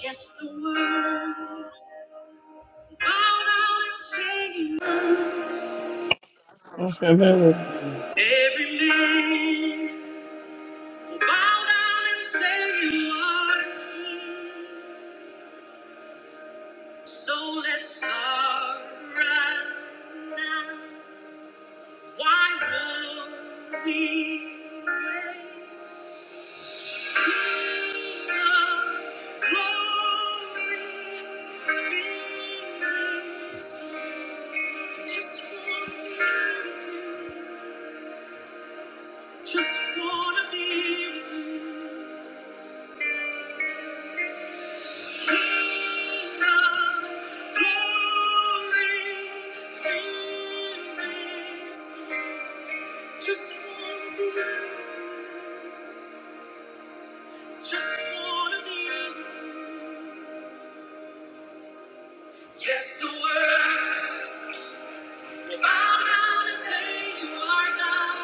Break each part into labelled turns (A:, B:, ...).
A: Yes, the world bowed down and say you are.
B: Hallelujah.
A: Every name will bow down and say you are king. So let's start right now. Why would we wait? King of glory, fill this place. We just wanna be with you. Just wanna be with you. King of glory, fill this place. Just wanna be with you. Just wanna be with you. Yes, the world will bow down and say you are God.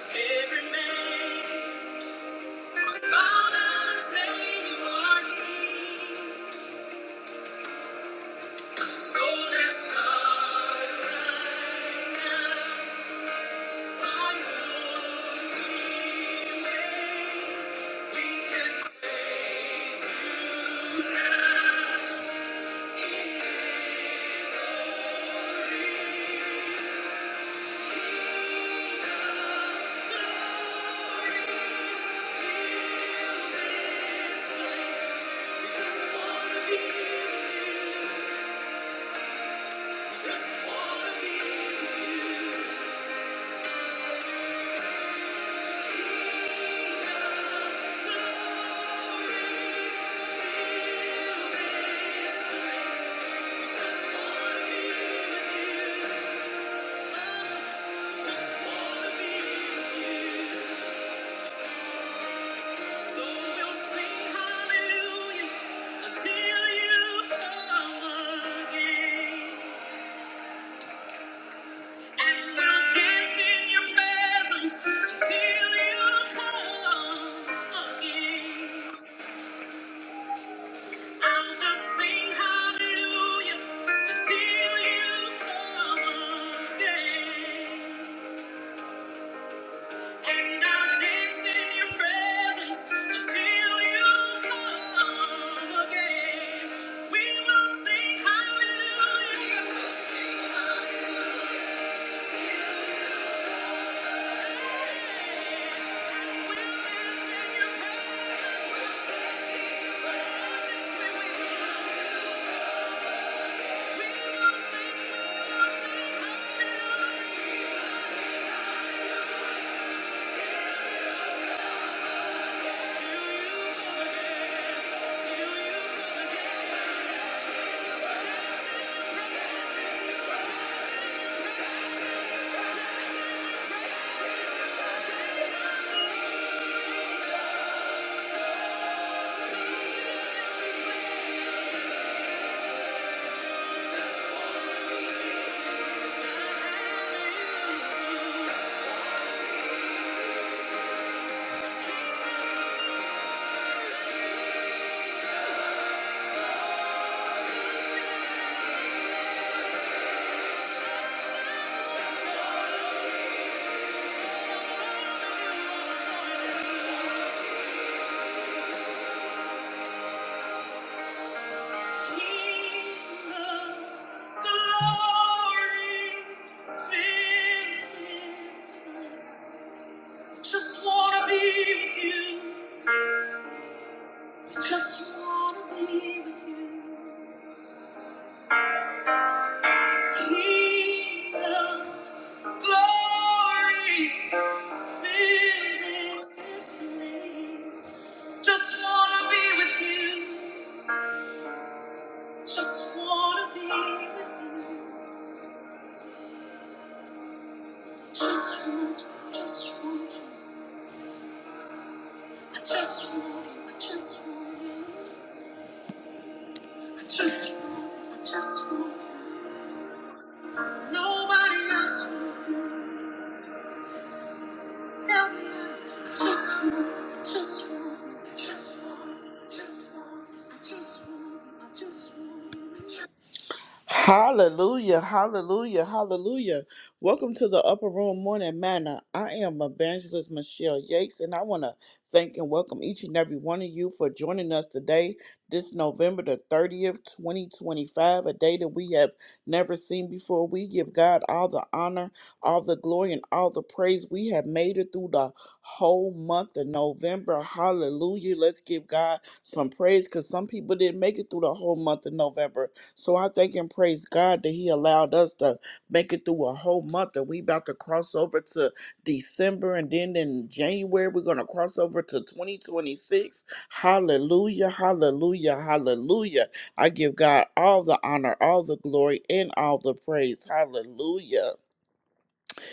A: Every man will bow down and say you are King. Just wanna be with you. Until you come again. I'll just sing hallelujah until you come again. And I'll dance in your presence until you come again. We will sing hallelujah. And we'll dance in your presence. We will sing, we will sing hallelujah. Just wanna be with you. Just wanna be with you. Kingdom glory fill this place. Just wanna be with you. Just wanna be with you. I just want, you, I just want you. I just want, you, I just want you. Nobody else will do. Help me out. Just one, just want, just one, just want. I just want, I just want. Hallelujah, hallelujah, hallelujah. Welcome to the Upper Room Morning Manna. I am Evangelist Michelle Yates, and I want to thank and welcome each and every one of you for joining us today, this November the 30th, 2025, a day that we have never seen before. We give God all the honor, all the glory, and all the praise. We have made it through the whole month of November. Hallelujah. Let's give God some praise because some people didn't make it through the whole month of November so I thank and praise God that He allowed us to make it through a whole month and we about to cross over to December and then in January we're gonna cross over to 2026. Hallelujah, hallelujah, hallelujah. I give God all the honor, all the glory, and all the praise. Hallelujah.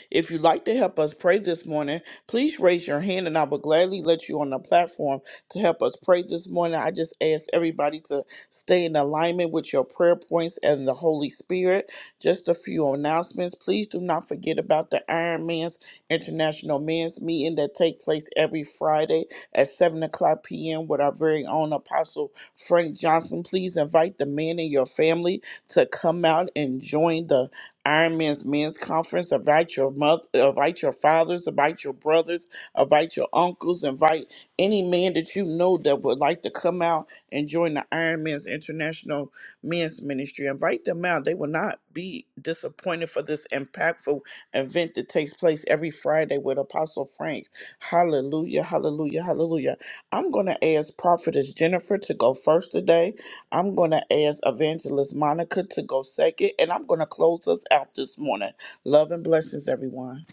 A: If you'd like to help us pray this morning, please raise your hand and I will gladly let you on the platform to help us pray this morning. I just ask everybody to stay in alignment with your prayer points and the Holy Spirit. Just a few announcements. Please do not forget about the Iron Man's International Men's Meeting that take place every Friday at 7 o'clock p.m. with our very own Apostle Frank Johnson. Please invite the men in your family to come out and join the Iron Man's Men's Conference. Invite your mother, invite your fathers, invite your brothers, invite your uncles, invite any man that you know that would like to come out and join the Iron Man's International Men's Ministry. Invite them out. They will not be disappointed for this impactful event that takes place every Friday with Apostle Frank. Hallelujah, hallelujah, hallelujah. I'm going to ask Prophetess Jennifer to go first today I'm going to ask Evangelist Monica to go second, and I'm going to close us out this morning. Love and blessings, everyone.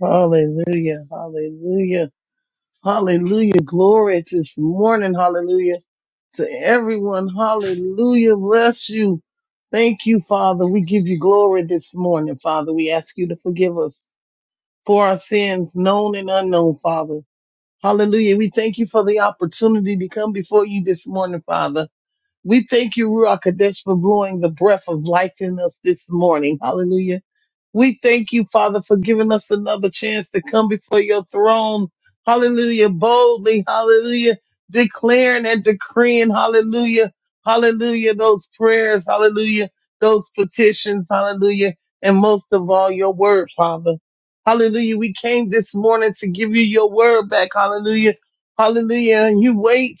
B: Hallelujah. Hallelujah. Hallelujah. Glory this morning. Hallelujah. To everyone. Hallelujah. Bless you. Thank you, Father. We give you glory this morning, Father. We ask you to forgive us for our sins, known and unknown, Father. Hallelujah. We thank you for the opportunity to come before you this morning, Father. We thank you, Ruach Kadesh, for blowing the breath of life in us this morning. Hallelujah. We thank you, Father, for giving us another chance to come before your throne. Hallelujah. Boldly. Hallelujah. Declaring and decreeing. Hallelujah. Hallelujah. Those prayers. Hallelujah. Those petitions. Hallelujah. And most of all, your word, Father. Hallelujah. We came this morning to give you your word back. Hallelujah. Hallelujah. And you wait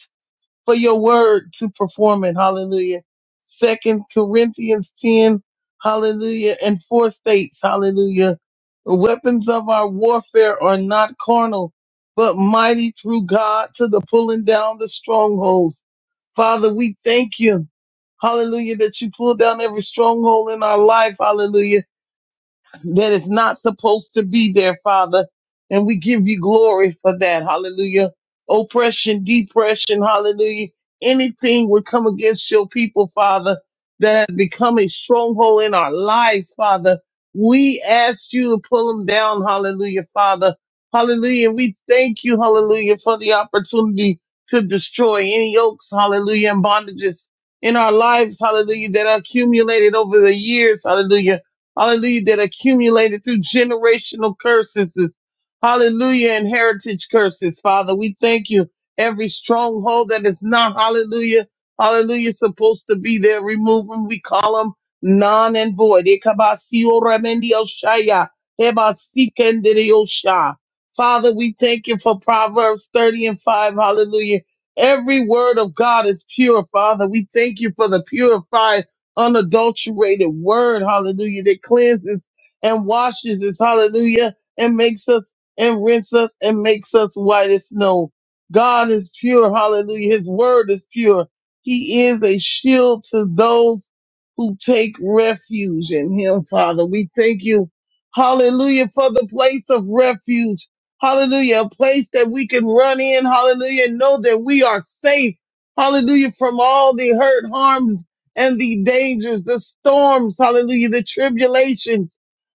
B: for your word to perform it. Hallelujah. Second Corinthians 10, hallelujah, and four states, hallelujah. The weapons of our warfare are not carnal, but mighty through God to the pulling down the strongholds. Father, we thank you. Hallelujah, that you pull down every stronghold in our life. Hallelujah that is not supposed to be there, Father. And we give you glory for that. Hallelujah. Oppression, depression, hallelujah. Anything would come against your people, Father, that has become a stronghold in our lives, Father. We ask you to pull them down, hallelujah, Father. Hallelujah. And We thank you, hallelujah, for the opportunity to destroy any yokes, hallelujah, and bondages in our lives, hallelujah, that are accumulated over the years, hallelujah hallelujah, that accumulated through generational curses, hallelujah, and heritage curses, Father. We thank you. Every stronghold that is not, hallelujah, hallelujah, supposed to be there, remove them. We call them non and void. Ekabasio remendio shaya, ebasikendirio sha. Father, we thank you for Proverbs 30 and 5, hallelujah. Every word of God is pure, Father. We thank you for the purified unadulterated word, hallelujah, that cleanses and washes us, hallelujah, and makes us and rinses us and makes us white as snow. God is pure, hallelujah. His word is pure. He is a shield to those who take refuge in him, Father. We thank you, hallelujah, for the place of refuge. Hallelujah, a place that we can run in, hallelujah, and know that we are safe, hallelujah, from all the hurt, harms, and the dangers, the storms, hallelujah, the tribulations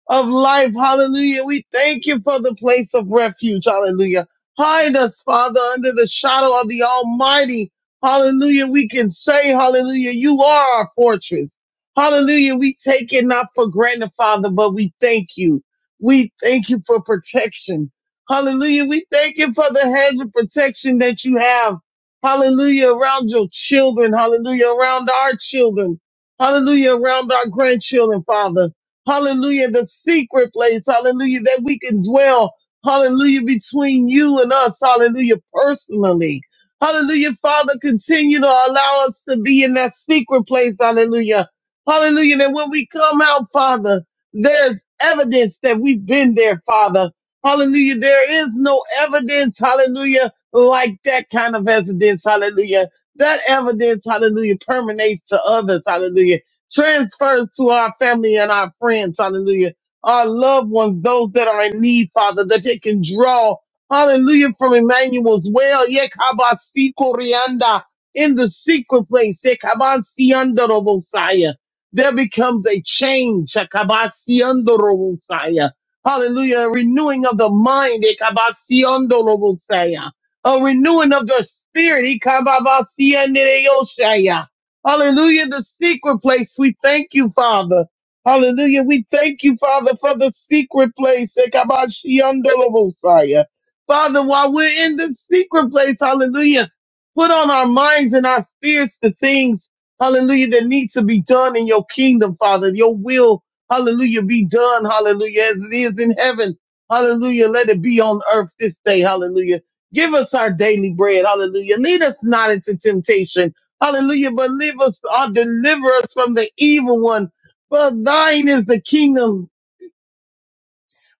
B: of life, hallelujah. We thank you for the place of refuge, hallelujah. Hide us, Father, under the shadow of the Almighty, hallelujah. We can say, hallelujah, you are our fortress. Hallelujah. We take it not for granted, Father, but we thank you. We thank you for protection. Hallelujah. We thank you for the hedge of protection that you have. Hallelujah. Around your children. Hallelujah. Around our children. Hallelujah. Around our grandchildren, Father. Hallelujah. The secret place. Hallelujah. That we can dwell. Hallelujah. Between you and us. Hallelujah. Personally. Hallelujah. Father, continue to allow us to be in that secret place. Hallelujah Hallelujah. That when we come out, Father, there's evidence that we've been there, Father. Hallelujah. There is no evidence, hallelujah, like that kind of evidence, hallelujah. That evidence, hallelujah, permeates to others, hallelujah. Transfers to our family and our friends, hallelujah. Our loved ones, those that are in need, Father, that they can draw, hallelujah, from Emmanuel's well. Yekabasi Koryanda in the secret place. Yekabansi Andorobosaya there becomes a change. Shakabasiondorobosaya. Hallelujah. A renewing of the mind. Ekabasiondorobosaya. A renewing of the spirit. Ekababasiandereyoshaya. Hallelujah. The secret place. We thank you, Father. Hallelujah. We thank you, Father, for the secret place. Ekabasiondorobosaya. Father, while we're in the secret place, hallelujah, put on our minds and our spirits the things hallelujah, that needs to be done in your kingdom, Father. Your will, hallelujah, be done, hallelujah, as it is in heaven. Hallelujah. Let it be on earth this day, hallelujah. Give us our daily bread, hallelujah. Lead us not into temptation, hallelujah, but live us or deliver us from the evil one. For thine is the kingdom,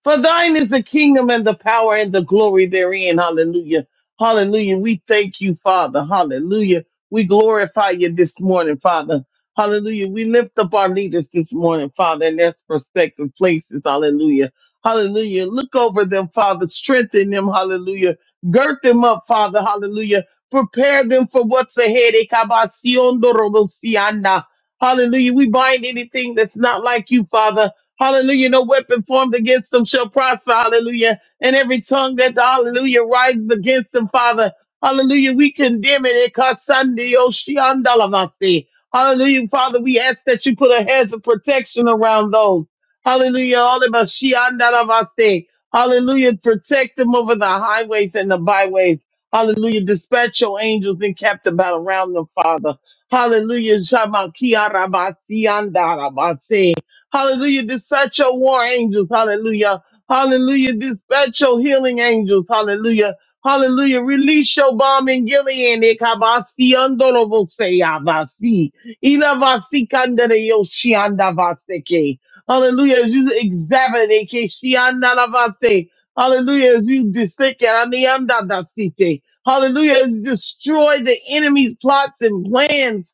B: for thine is the kingdom and the power and the glory therein. Hallelujah. Hallelujah. We thank you, Father. Hallelujah. We glorify you this morning, Father. Hallelujah. We lift up our leaders this morning, Father, in their respective places. Hallelujah. Hallelujah. Look over them, Father. Strengthen them. Hallelujah. Girt them up, Father. Hallelujah. Prepare them for what's ahead. Ekabasiondorobosiana. Hallelujah. We bind anything that's not like you, Father. Hallelujah. No weapon formed against them shall prosper. Hallelujah. And every tongue that, hallelujah, rises against them, Father. Hallelujah. We condemn it. It costs Sunday, Oshiandalamasi. Hallelujah. Father, we ask that you put a hedge of protection around those. Hallelujah. All of us, Shiandalamasi. Hallelujah. Protect them over the highways and the byways. Hallelujah. Dispatch your angels and kept about around them, Father. Hallelujah. Shamakiarabasiandalamasi. Hallelujah. Dispatch your war angels. Hallelujah. Hallelujah. Dispatch your healing angels. Hallelujah. Hallelujah. Release your bomb in Gilead. Ekabasi andorovose avasi. Ilavasi kandere yoshi andavaseke. Hallelujah. As you examine it, keshianalavase. Hallelujah. As you dissect it, aniandadasite. Hallelujah. As you destroy the enemy's plots and plans.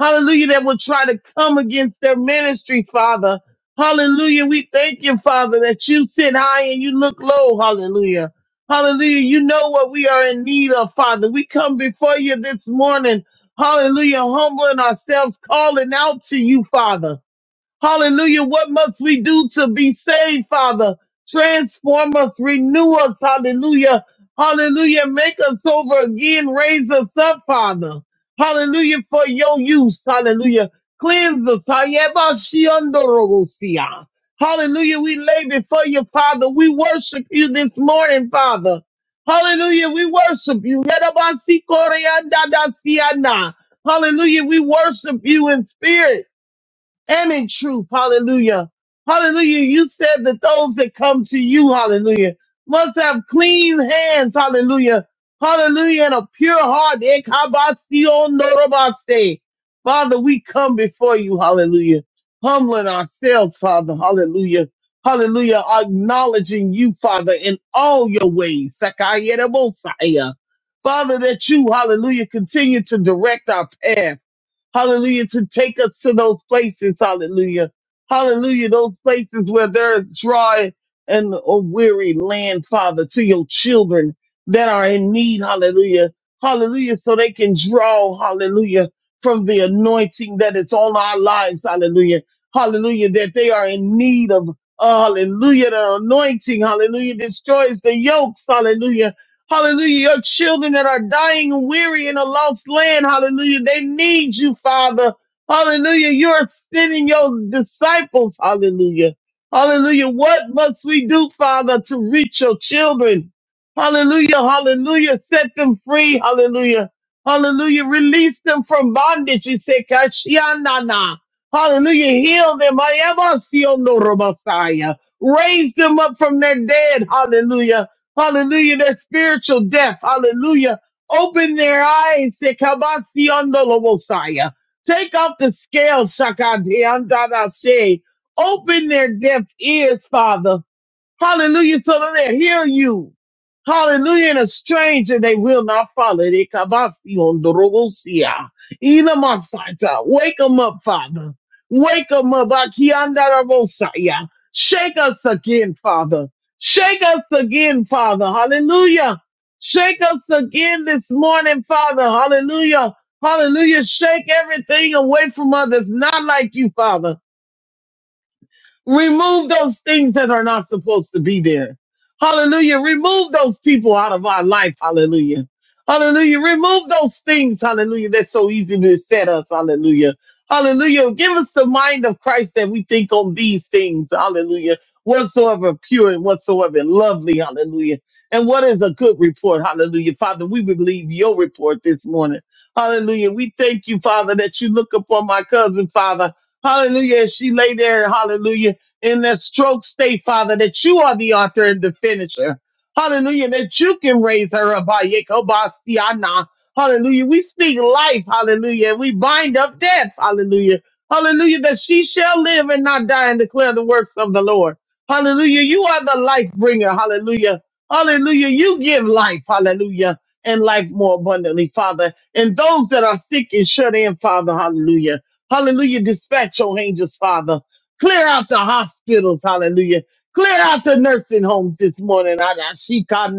B: Hallelujah. That will try to come against their ministries, Father. Hallelujah. We thank you, Father, that you sit high and you look low. Hallelujah. Hallelujah. You know what we are in need of, Father. We come before you this morning. Hallelujah. Humbling ourselves, calling out to you, Father. Hallelujah. What must we do to be saved, Father? Transform us, renew us. Hallelujah. Hallelujah. Make us over again. Raise us up, Father. Hallelujah. For your use. Hallelujah. Cleanse us. Hayabashiandorobosia. Hallelujah. We lay before you, Father. We worship you this morning, Father. Hallelujah. We worship you. Yadabasikoreandadasiana. Hallelujah. We worship you in spirit and in truth. Hallelujah. Hallelujah. You said that those that come to you, hallelujah, must have clean hands. Hallelujah. Hallelujah. And a pure heart. Ekabasionorobaste. Father, we come before you. Hallelujah. Humbling ourselves, Father. Hallelujah. Hallelujah. Acknowledging you, Father, in all your ways. Sakayedabosaya. Father, that you, hallelujah, continue to direct our path. Hallelujah. To take us to those places. Hallelujah. Hallelujah. Those places where there's dry and a weary land, Father, to your children that are in need. Hallelujah. Hallelujah. So they can draw. Hallelujah. From the anointing that is on our lives. Hallelujah. Hallelujah. That they are in need of. uh, Hallelujah. The anointing. Hallelujah. Destroys the yokes. Hallelujah Hallelujah. Your children that are dying and weary in a lost land. Hallelujah. They need you, Father. Hallelujah. You're sending your disciples. Hallelujah. Hallelujah. What must we do, Father, to reach your children? Hallelujah. Hallelujah. Set them free. Hallelujah. Hallelujah. Release them from bondage. He said, Kashianana. Hallelujah. Heal them. I am a Sion, no Messiah. Raise them up from their dead. Hallelujah. Hallelujah. That spiritual death. Hallelujah. Open their eyes. Sekabasiondolobosaya. Take off the scales. Shakadeandadashe. Open their deaf ears, Father. Hallelujah. So that they hear you. Hallelujah. And a stranger, they will not follow. They kabasi on the robosia. Ina masata. Wake them up, Father. Wake them up. Akianda rabosaya. Shake us again, Father. Shake us again, Father. Hallelujah. Shake us again this morning, Father. Hallelujah. Hallelujah. Shake everything away from us that's not like you, Father. Remove those things that are not supposed to be there. Hallelujah. Remove those people out of our life. Hallelujah. Hallelujah. Remove those things. Hallelujah. That's so easy to set us. Hallelujah. Hallelujah. Give us the mind of Christ that we think on these things. Hallelujah. Whatsoever pure and whatsoever lovely. Hallelujah. And what is a good report? Hallelujah. Father, we believe your report this morning. Hallelujah. We thank you, Father, that you look upon my cousin, Father. Hallelujah. As she lay there, hallelujah in their stroke state, Father, that you are the author and the finisher. Hallelujah. That you can raise her up. Ah, Hallelujah. We speak life. Hallelujah. We bind up death. Hallelujah. Hallelujah. That she shall live and not die and declare the works of the Lord. Hallelujah. You are the life bringer. Hallelujah. Hallelujah. You give life. Hallelujah. And life more abundantly, Father. And those that are sick and shut in, Father. Hallelujah. Hallelujah. Dispatch your angels, Father. Clear out the hospitals, hallelujah. Clear out the nursing homes this morning. Adashika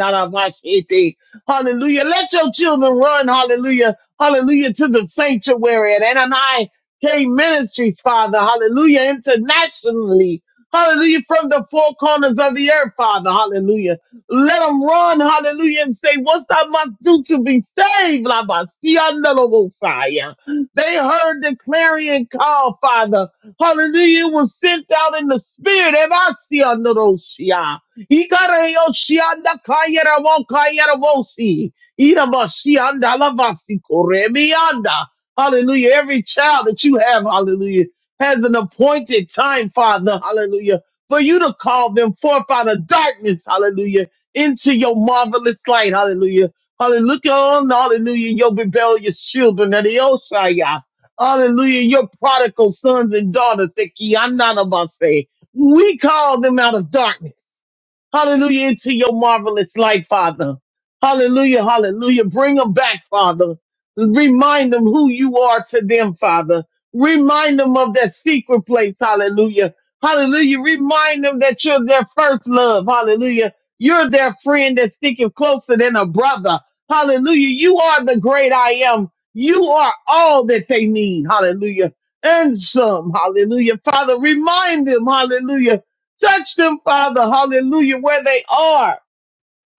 B: Hallelujah. Let your children run, hallelujah. Hallelujah to the sanctuary at Anani K Ministries, Father. Hallelujah. Internationally. Hallelujah. From the four corners of the earth, Father. Hallelujah. Let them run, hallelujah, and say, What's I must do to be saved? La They heard the clarion call, Father. Hallelujah. It was sent out in the spirit. Ebasia Ikara Hallelujah. Every child that you have, hallelujah, has an appointed time, Father, hallelujah, for you to call them forth out of darkness, hallelujah, into your marvelous light, hallelujah. Hallelujah, Look on, hallelujah, your rebellious children, Hallelujah. Your prodigal sons and daughters, that ye- I'm not about to say. We called them out of darkness. Hallelujah. Into your marvelous light, Father. Hallelujah. Hallelujah. Bring them back, Father. Remind them who you are to them, Father. Remind them of that secret place. Hallelujah. Hallelujah. Remind them that you're their first love. Hallelujah. You're their friend that's sticking closer than a brother. Hallelujah. You are the great I am. You are all that they need. Hallelujah. And some. Hallelujah. Father, remind them. Hallelujah Touch them, Father. Hallelujah. Where they are.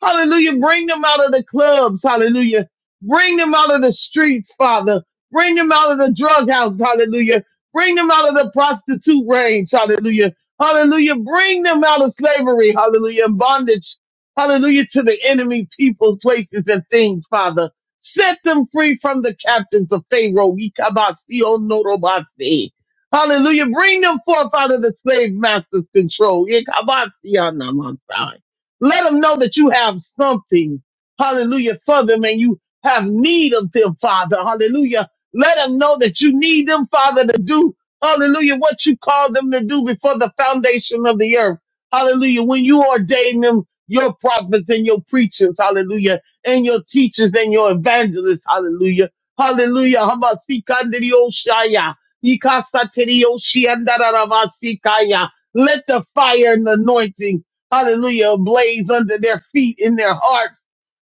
B: Hallelujah. Bring them out of the clubs. Hallelujah. Bring them out of the streets, Father. Bring them out of the drug house. Hallelujah. Bring them out of the prostitute range. Hallelujah. Hallelujah. Bring them out of slavery. Hallelujah. And bondage. Hallelujah. To the enemy people, places, and things, Father. Set them free from the captains of Pharaoh. Ikabasi onorobasi. Hallelujah. Bring them forth out of the slave master's control. Ikabasi anamasai. Let them know that you have something, hallelujah, for them and you have need of them, Father, hallelujah. Let them know that you need them, Father, to do, hallelujah, what you called them to do before the foundation of the earth, hallelujah. When you ordain them, your prophets and your preachers, hallelujah, and your teachers and your evangelists, hallelujah, hallelujah. Hamasikandirioshaya, ikasatirioshi, andararavasikaya. Let the fire and the anointing hallelujah, ablaze under their feet, in their hearts,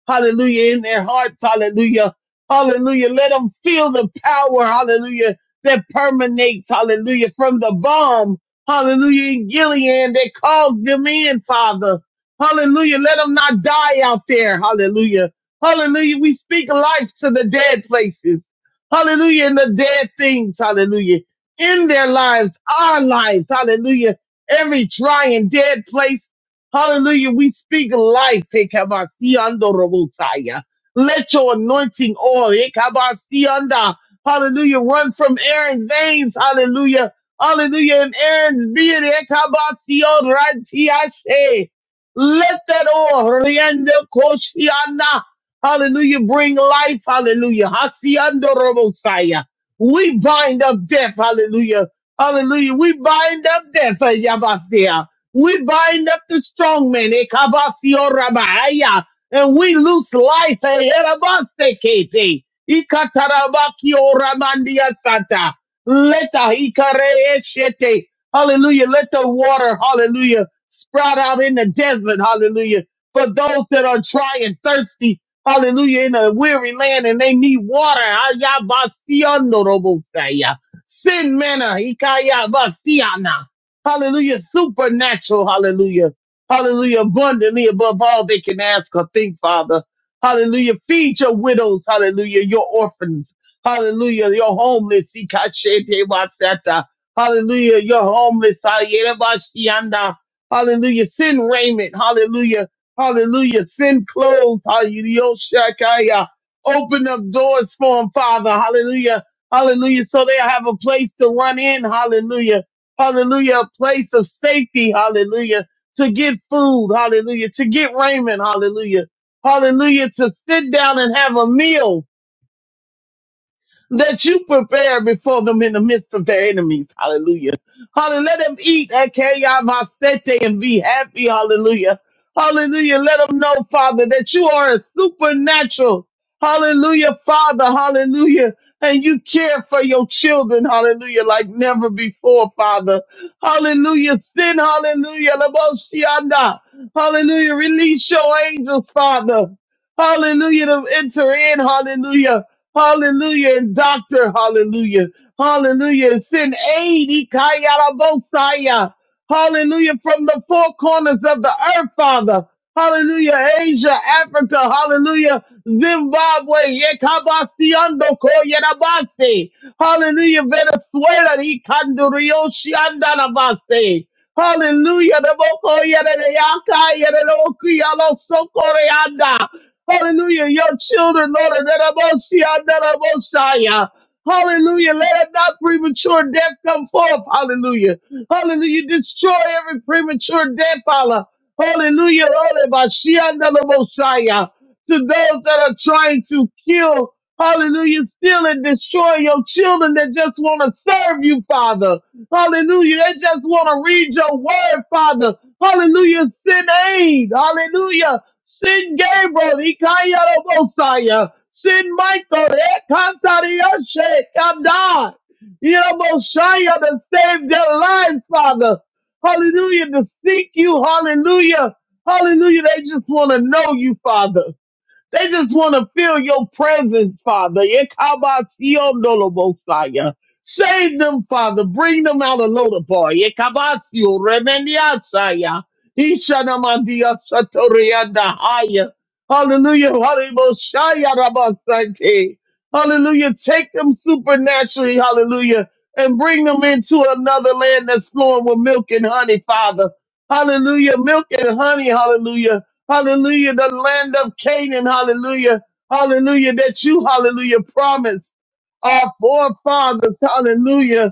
B: hallelujah, in their hearts, hallelujah, hallelujah. Let them feel the power, hallelujah, that permeates, hallelujah, from the bomb, hallelujah, in Gilead that calls them in, Father. Hallelujah. Let them not die out there. Hallelujah. Hallelujah. We speak life to the dead places. Hallelujah. And the dead things. Hallelujah. In their lives, our lives. Hallelujah every dry and dead place. Hallelujah. We speak life. Ekabasiando robotaya. Let your anointing oil, ekabasianda, hallelujah, run from Aaron's veins. Hallelujah. Hallelujah. And Aaron's beard, ekabasio ratiashe. let that oil, rienda koshianda, hallelujah, bring life. Hallelujah. Hasiando robotaya. We bind up death. Hallelujah. Hallelujah. We bind up death. Yabasia. We bind up the strong man, Ekabasio Rabahaya, and we loose life, Erabasekete, Ikatarabakio Ramandia Santa, Leta Ikareeshete, hallelujah, let the water, hallelujah, sprout out in the desert, hallelujah, for those that are dry and thirsty, hallelujah, in a weary land and they need water, Ayabasionorobosaya, sin manna, Ikaya basiana. Hallelujah. Supernatural. Hallelujah. Hallelujah. Abundantly above all they can ask or think, Father. Hallelujah. Feed your widows. Hallelujah. Your orphans. Hallelujah. Your homeless. Ikashete-wasata. Hallelujah. Your homeless. Ayerabashianda. Hallelujah. Send raiment. Hallelujah. Hallelujah. Send clothes. Hallelujah. Yoshakaya. Open up doors for them, Father. Hallelujah. Hallelujah. So they'll have a place to run in. Hallelujah hallelujah, a place of safety, hallelujah, to get food, hallelujah, to get raiment, hallelujah, hallelujah, to sit down and have a meal, that you prepare before them in the midst of their enemies. Hallelujah. Hallelujah. Let them eat at Kayamasete and be happy. Hallelujah. Hallelujah. Let them know, Father, that you are a supernatural. Hallelujah, Father. Hallelujah. And you care for your children. Hallelujah. Like never before, Father. Hallelujah. Sin. Hallelujah. Laboshianda. Hallelujah. Release your angels, Father. Hallelujah to enter in. Hallelujah. Hallelujah. And doctor. Hallelujah. Hallelujah. Send aid. Ikayarabosaya. Hallelujah. From the four corners of the earth, Father. Hallelujah. Asia, Africa. Hallelujah. Zimbabwe. Yekabasiondo koyerabase. Hallelujah. Venezuela. Ikandurioshiandanabase. Hallelujah. The Boko Yere Yaka Yere Oku Yalo Sokoreanda. Hallelujah. Your children, Lord, that are both see, I that are both yeah. Hallelujah. Let not premature death come forth. Hallelujah. Hallelujah. Destroy every premature death, Allah. Hallelujah. Hallelujah. By she, I that are both yeah. To those that are trying to kill, hallelujah, steal and destroy your children that just want to serve you, Father. Hallelujah. They just want to read your word, Father. Hallelujah. Send aid. Hallelujah. Sin Gabriel, Ikayarabosaya, Sin Michael, Ekantarioshe, Kadai, Irabosaya, to save their lives, Father. Hallelujah, to seek you, hallelujah. Hallelujah, they just want to know you, Father. They just want to feel your presence, Father. Yekabasionolobosaya. Save them, Father. Bring them out of Lodabar. Yekabasio remeniasaya. Ishanamadia satorianda haya. Hallelujah. Hallelujah. Rabasake. Hallelujah. Take them supernaturally. Hallelujah. And bring them into another land that's flowing with milk and honey, Father. Hallelujah. Milk and honey. Hallelujah Hallelujah. The land of Canaan. Hallelujah. Hallelujah. That you, hallelujah, promised our forefathers. Hallelujah.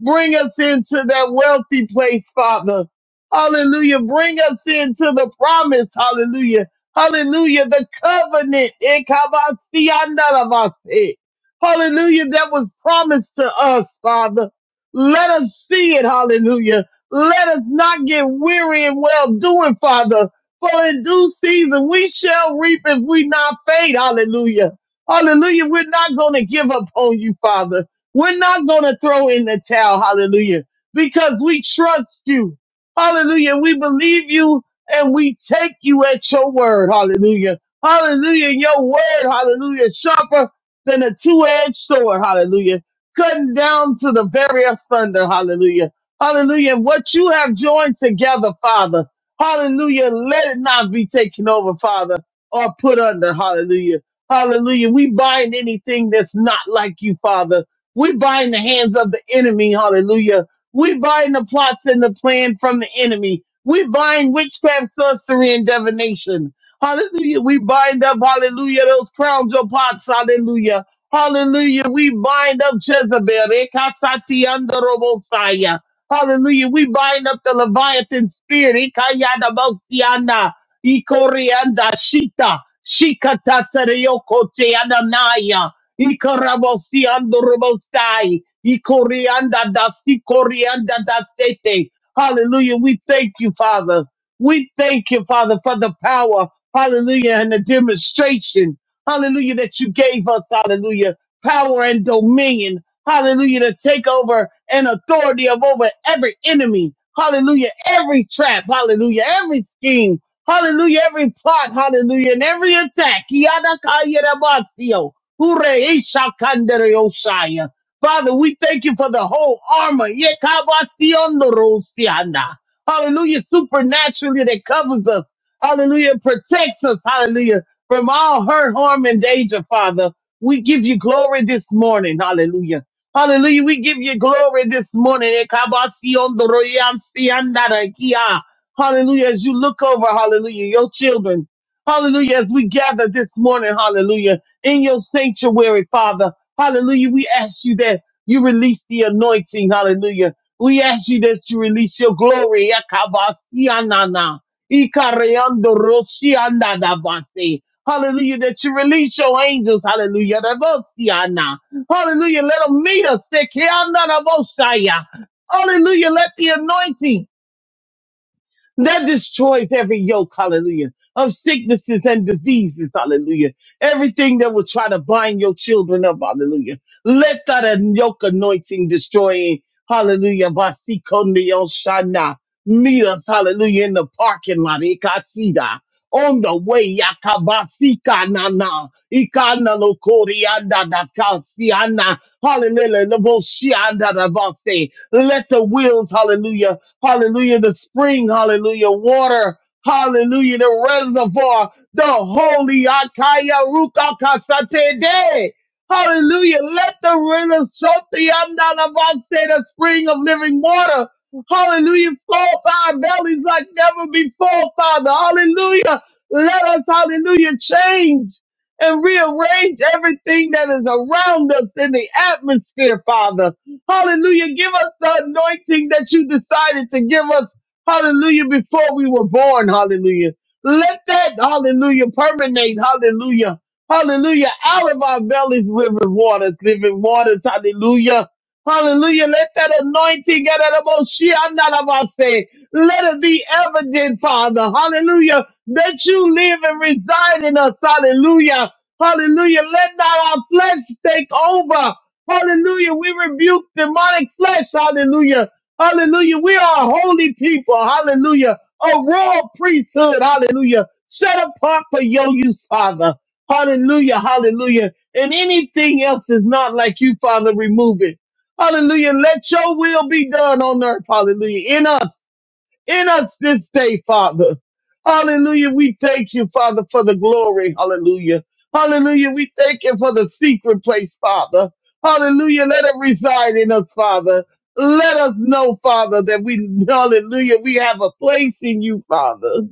B: Bring us into that wealthy place, Father. Hallelujah. Bring us into the promise. Hallelujah. Hallelujah. The covenant. Ekabasiandalabase. Hallelujah. That was promised to us, Father. Let us see it. Hallelujah. Let us not get weary and well doing, Father. For in due season we shall reap if we not faint. Hallelujah. Hallelujah. We're not going to give up on you, Father. We're not going to throw in the towel. Hallelujah. Because we trust you. Hallelujah. We believe you and we take you at your word. Hallelujah. Hallelujah. Your word. Hallelujah. Sharper than a two-edged sword. Hallelujah. Cutting down to the very asunder. Hallelujah. Hallelujah. And what you have joined together, Father. Hallelujah. Let it not be taken over, Father, or put under. Hallelujah. Hallelujah. We bind anything that's not like you, Father. We bind the hands of the enemy. Hallelujah. We bind the plots and the plan from the enemy. We bind witchcraft, sorcery, and divination. Hallelujah. We bind up, hallelujah, those crowns or pots. Hallelujah. Hallelujah. We bind up Jezebel. Ekasati andorobosaya. Hallelujah. We bind up the Leviathan spirit. Ikayana Mosiana. Ikorianda Shita. Shikatatariokote Ananaya. Ikarabosiando Robosai. Ikorianda da Sikorianda da Sete. Hallelujah. We thank you, Father. We thank you, Father, for the power. Hallelujah. And the demonstration. Hallelujah. That you gave us. Hallelujah. Power and dominion. Hallelujah. To take over and authority of over every enemy. Hallelujah. Every trap. Hallelujah. Every scheme. Hallelujah. Every plot. Hallelujah. And every attack. Yadakayarabasio. Hureishakandereoshaya. Father, we thank you for the whole armor. Yekabasionderosiana. Hallelujah. Supernaturally that covers us. Hallelujah. Protects us. Hallelujah. From all hurt, harm, and danger, Father. We give you glory this morning. Hallelujah. Hallelujah. We give you glory this morning. Ekabasiondoreyansiandarakia. Hallelujah. As you look over, hallelujah, your children. Hallelujah. As we gather this morning, hallelujah, in your sanctuary, Father. Hallelujah. We ask you that you release the anointing. Hallelujah. We ask you that you release your glory. Ekabasianana. Ikareandoroshiandadabase. Hallelujah. That you release your angels. Hallelujah. Rabosiana. Hallelujah. Let them meet us. Sekiandarabosaya. Hallelujah. Let the anointing that destroys every yoke, hallelujah, of sicknesses and diseases, hallelujah. Everything that will try to bind your children up, hallelujah. Let that an- yoke anointing destroy, hallelujah. Vasikoneoshana. Meet us, hallelujah, in the parking lot, Ikasida. On the way, yakabasika na na, ikana lokorianda da kasiana, hallelujah, leboshianda da base. Let the wheels, hallelujah, hallelujah, the spring, hallelujah, water, hallelujah, the reservoir, the holy Akaya Ruka Kasate De. Hallelujah. Let the river Shoti Amdanabase, the spring of living water, hallelujah, flow up our bellies like never before, Father. Hallelujah. Let us, hallelujah, change and rearrange everything that is around us in the atmosphere, Father. Hallelujah. Give us the anointing that you decided to give us. Hallelujah. Before we were born. Hallelujah. Let that, hallelujah, permeate. Hallelujah. Hallelujah. Out of our bellies, living waters, living waters. Hallelujah. Hallelujah. Let that anointing get out of us. She am not about to say. Let it be evident, Father. Hallelujah. That you live and reside in us. Hallelujah. Hallelujah. Let not our flesh take over. Hallelujah. We rebuke demonic flesh. Hallelujah. Hallelujah. We are a holy people. Hallelujah. A royal priesthood. Hallelujah. Set apart for your use, Father. Hallelujah. Hallelujah. And anything else is not like you, Father, remove it. Hallelujah. Let your will be done on earth. Hallelujah. In us, in us this day, Father. Hallelujah. We thank you, Father, for the glory. Hallelujah. Hallelujah. We thank you for the secret place, Father. Hallelujah. Let it reside in us, Father. Let us know, Father, that we, hallelujah, we have a place in you, Father.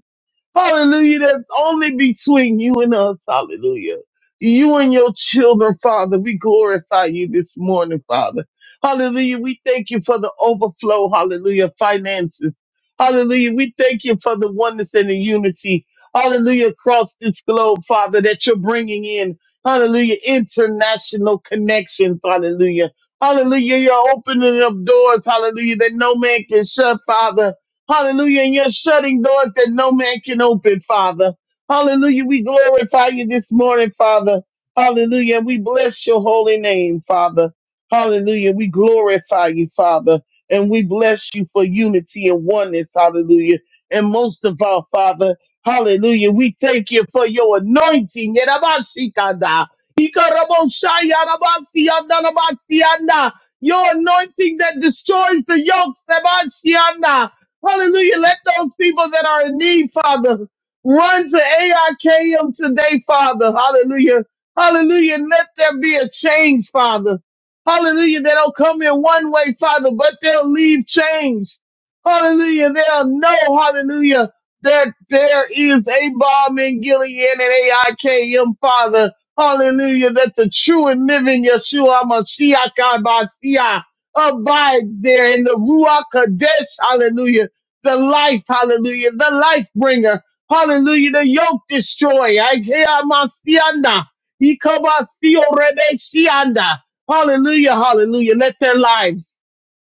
B: Hallelujah. That's only between you and us. Hallelujah. You and your children, Father, we glorify you this morning, Father. Hallelujah. We thank you for the overflow. Hallelujah. Finances. Hallelujah. We thank you for the oneness and the unity. Hallelujah. Across this globe, Father, that you're bringing in. Hallelujah. International connections. Hallelujah. Hallelujah. You're opening up doors. Hallelujah. That no man can shut, Father. Hallelujah. And you're shutting doors that no man can open, Father. Hallelujah. We glorify you this morning, Father. Hallelujah. And we bless your holy name, Father. Hallelujah. We glorify you, Father. And we bless you for unity and oneness. Hallelujah. And most of all, Father, hallelujah. We thank you for your anointing. Yerabashikada. Ikaraboshayarabasiyandanabasiyanda. Your anointing that destroys the yokes. Sebashianda. Hallelujah. Let those people that are in need, Father, run to AIKM today, Father. Hallelujah. Hallelujah. Let there be a change, Father. Hallelujah. They don't come in one way, Father, but they'll leave change. Hallelujah. They'll know, hallelujah, that there is a bomb in Gilead and AIKM, Father. Hallelujah. That the true and living Yeshua Mashiach Abasiah abides there in the Ruach Kadesh. Hallelujah the life, hallelujah, the life bringer, hallelujah, the yoke destroyer. I hear my sianda. He come out, see your rebe shianda. Hallelujah, hallelujah. Let their lives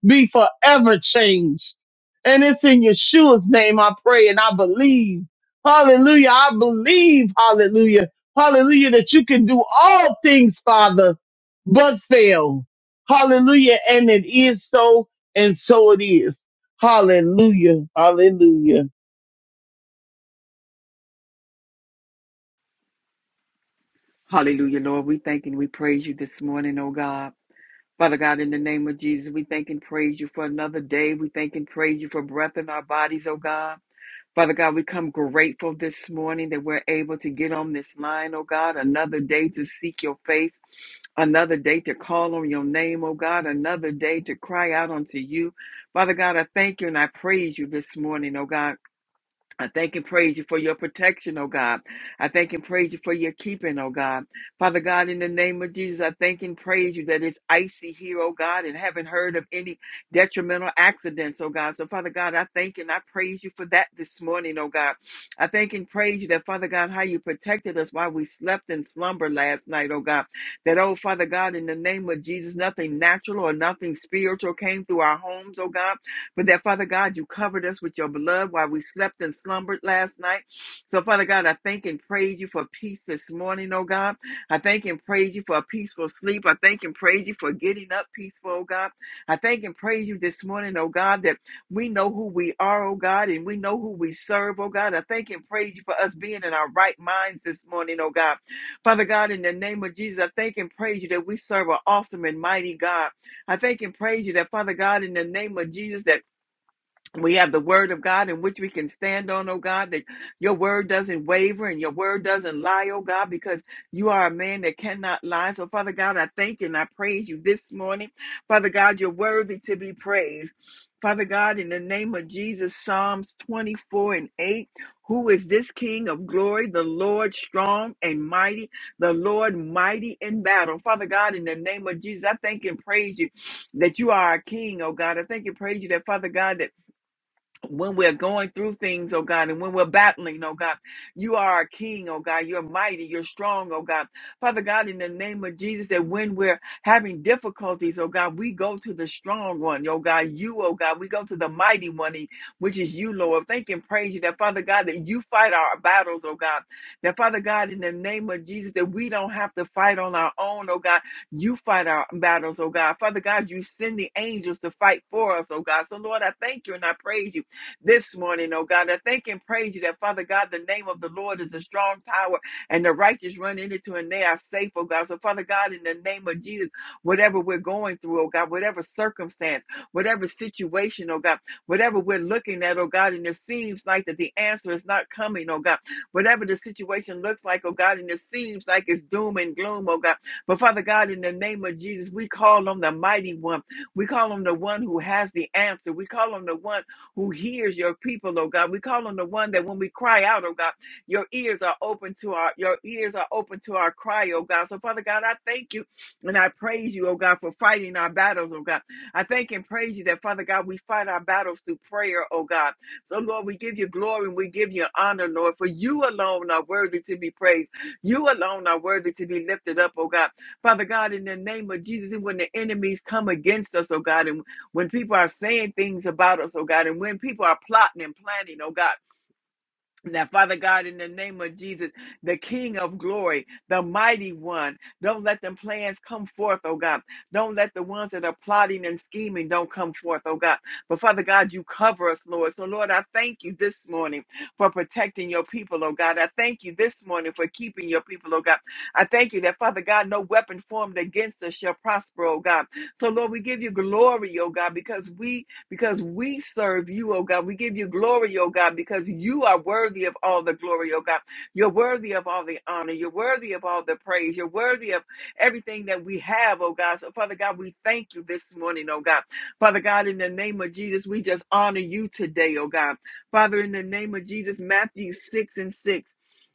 B: be forever changed. And it's in Yeshua's name I pray and I believe. Hallelujah. I believe, hallelujah, hallelujah, that you can do all things, Father, but fail. Hallelujah. And it is so, and so it is. Hallelujah. Hallelujah.
C: Hallelujah, Lord. We thank and we praise you this morning, oh God. Father God, in the name of Jesus, we thank and praise you for another day. We thank and praise you for breath in our bodies, oh God. Father God, we come grateful this morning that we're able to get on this line, oh God, another day to seek your face, another day to call on your name, oh God, another day to cry out unto you. Father God, I thank you and I praise you this morning, oh God. I thank and praise you for your protection, oh God. I thank and praise you for your keeping, oh God. Father God, in the name of Jesus, I thank and praise you that it's icy here, oh God, and haven't heard of any detrimental accidents, oh God. So, Father God, I thank and I praise you for that this morning, oh God. I thank and praise you that, Father God, how you protected us while we slept in slumber last night, oh God. That, oh Father God, in the name of Jesus, nothing natural or nothing spiritual came through our homes, oh God but that, Father God, you covered us with your blood while we slept and slumbered last night. So, Father God, I thank and praise you for peace this morning, oh God. I thank and praise you for a peaceful sleep. I thank and praise you for getting up peaceful, oh God. I thank and praise you this morning, oh God, that we know who we are, oh God, and we know who we serve, oh God. I thank and praise you for us being in our right minds this morning, oh God. Father God, in the name of Jesus, I thank and praise you that we serve an awesome and mighty God. I thank and praise you that, Father God, in the name of Jesus, that we have the word of God in which we can stand on, oh God, that your word doesn't waver and your word doesn't lie, oh God, because you are a man that cannot lie. So, Father God, I thank you and I praise you this morning. Father God, you're worthy to be praised. Father God, in the name of Jesus, Psalms 24 and 8, who is this King of glory? The Lord strong and mighty, the Lord mighty in battle. Father God, in the name of Jesus, I thank and praise you that you are our King, oh God. I thank and praise you that, Father God, that when we're going through things, oh God, and when we're battling, oh God, you are our King, oh God, you're mighty, you're strong, oh God. Father God, in the name of Jesus, that when we're having difficulties, oh God, we go to the strong one, oh God, you, oh God, we go to the mighty one, which is you, Lord. Thank and praise you that, Father God, that you fight our battles, oh God. That, Father God, in the name of Jesus, that we don't have to fight on our own, oh God, you fight our battles, oh God. Father God, you send the angels to fight for us, oh God. So, Lord, I thank you and I praise you this morning, oh God. I thank and praise you that, Father God, the name of the Lord is a strong tower and the righteous run into it and they are safe, oh God. So, Father God, in the name of Jesus, whatever we're going through, oh God, whatever circumstance, whatever situation, oh God, whatever we're looking at, oh God, and it seems like that the answer is not coming, oh God, whatever the situation looks like, oh God, and it seems like it's doom and gloom, oh God. But Father God, in the name of Jesus, we call on the mighty one. We call on the one who has the answer. We call on the one who hears your people, oh God. We call on the one that when we cry out, oh God, your ears are open to our your ears are open to our cry, oh God. So Father God, I thank you and I praise you, oh God, for fighting our battles, oh God. I thank and praise you that Father God, we fight our battles through prayer, oh God. So Lord, we give you glory and we give you honor, Lord, for you alone are worthy to be praised. You alone are worthy to be lifted up, oh God. Father God, in the name of Jesus, and when the enemies come against us, oh God, and when people are saying things about us, oh God, and when people are plotting and planning, oh God, now, Father God, in the name of Jesus, the King of glory, the mighty one, don't let them plans come forth, oh God. Don't let the ones that are plotting and scheming don't come forth, oh God. But Father God, you cover us, Lord. So, Lord, I thank you this morning for protecting your people, oh God. I thank you this morning for keeping your people, oh God. I thank you that, Father God, no weapon formed against us shall prosper, oh God. So, Lord, we give you glory, oh God, because we because we serve you, oh God. We give you glory, oh God, because you are worthy of all the glory, oh God. You're worthy of all the honor. You're worthy of all the praise. You're worthy of everything that we have, oh God. So, Father God, we thank you this morning, oh God. Father God, in the name of Jesus, we just honor you today, oh God. Father, in the name of Jesus, Matthew 6 and 6.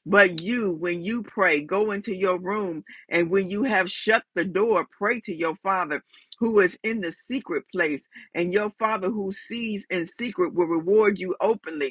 C: But you, when you pray, go into your room, and when you have shut the door, pray to your Father who is in the secret place and your Father who sees in secret will reward you openly.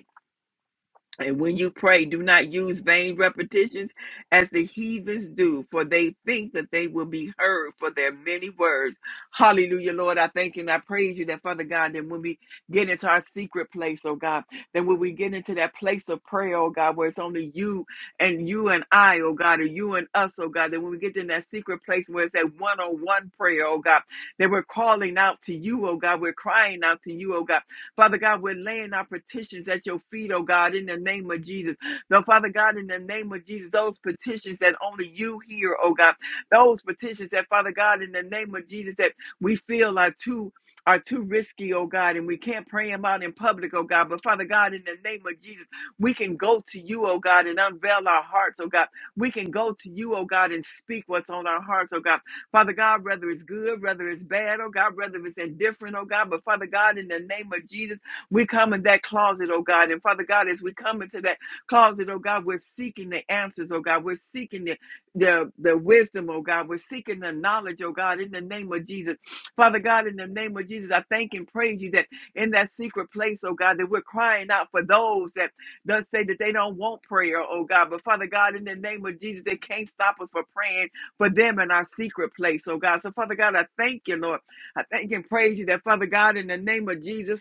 C: And when you pray, do not use vain repetitions as the heathens do, for they think that they will be heard for their many words. Hallelujah, Lord. I thank you and I praise you that, Father God, that when we get into our secret place, oh God, that when we get into that place of prayer, oh God, where it's only you and you and I, oh God, or you and us, oh God, that when we get in that secret place where it's that one on one prayer, oh God, that we're calling out to you, oh God, we're crying out to you, oh God. Father God, we're laying our petitions at your feet, oh God, in the name of Jesus. Now, Father God, in the name of Jesus, those petitions that only you hear, oh God, those petitions that, Father God, in the name of Jesus, that we feel are too. Are too risky, oh God, and we can't pray them out in public, oh God. But Father God, in the name of Jesus, we can go to you, oh God, and unveil our hearts, oh God. We can go to you, oh God, and speak what's on our hearts, oh God. Father God, whether it's good, whether it's bad, oh God, whether it's indifferent, oh God, but Father God, in the name of Jesus, we come in that closet, oh God. And Father God, as we come into that closet, oh God, we're seeking the answers, oh God. We're seeking the, the, the wisdom, oh God. We're seeking the knowledge, oh God, in the name of Jesus. Father God, in the name of Jesus, I thank and praise you that in that secret place, oh God, that we're crying out for those that does say that they don't want prayer, oh God. But Father God, in the name of Jesus, they can't stop us from praying for them in our secret place, oh God. So, Father God, I thank you, Lord. I thank and praise you that, Father God, in the name of Jesus.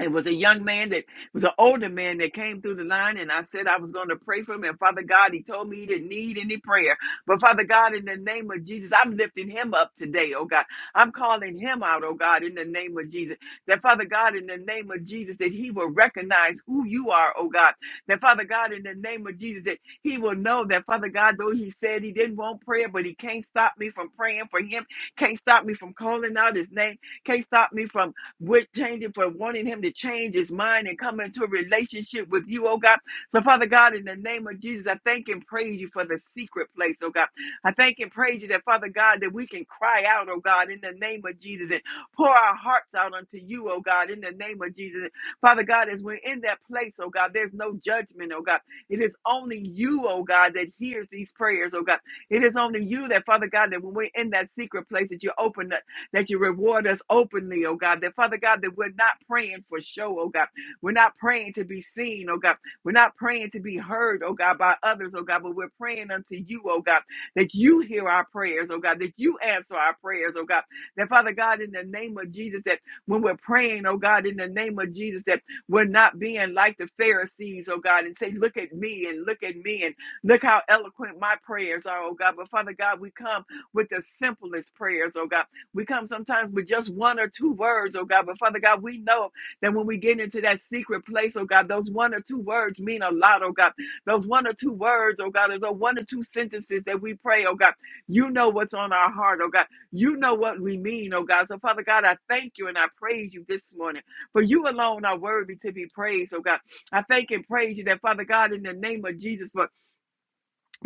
C: It was a young man that was an older man that came through the line, and I said I was going to pray for him. And Father God, he told me he didn't need any prayer. But Father God, in the name of Jesus, I'm lifting him up today, oh God. I'm calling him out, oh God, in the name of Jesus. That Father God, in the name of Jesus, that he will recognize who you are, oh God. That Father God, in the name of Jesus, that he will know that Father God, though he said he didn't want prayer, but he can't stop me from praying for him, can't stop me from calling out his name, can't stop me from we're changing for wanting him to change his mind and come into a relationship with you, oh God. So, Father God, in the name of Jesus, I thank and praise you for the secret place, oh God. I thank and praise you that, Father God, that we can cry out, oh God, in the name of Jesus and pour our hearts out unto you, oh God, in the name of Jesus. Father God, as we're in that place, oh God, there's no judgment, oh God. It is only you, oh God, that hears these prayers, oh God. It is only you that, Father God, that when we're in that secret place, that you open that you reward us openly, oh God. That Father God, that we're not praying for show, oh God. We're not praying to be seen, oh God. We're not praying to be heard, oh God, by others, oh God, but we're praying unto you, oh God, that you hear our prayers, oh God, that you answer our prayers, oh God. That Father God, in the name of Jesus, that when we're praying, oh God, in the name of Jesus, that we're not being like the Pharisees, oh God, and say, look at me and look at me and look how eloquent my prayers are, oh God. But Father God, we come with the simplest prayers, oh God. We come sometimes with just one or two words, oh God. But Father God, we know that when we get into that secret place, oh God, those one or two words mean a lot, oh God. Those one or two words, oh God, is those one or two sentences that we pray, oh God. You know what's on our heart, oh God. You know what we mean, oh God. So Father God, I thank you and I praise you this morning. For you alone are worthy to be praised, oh God. I thank and praise you that Father God, in the name of Jesus, for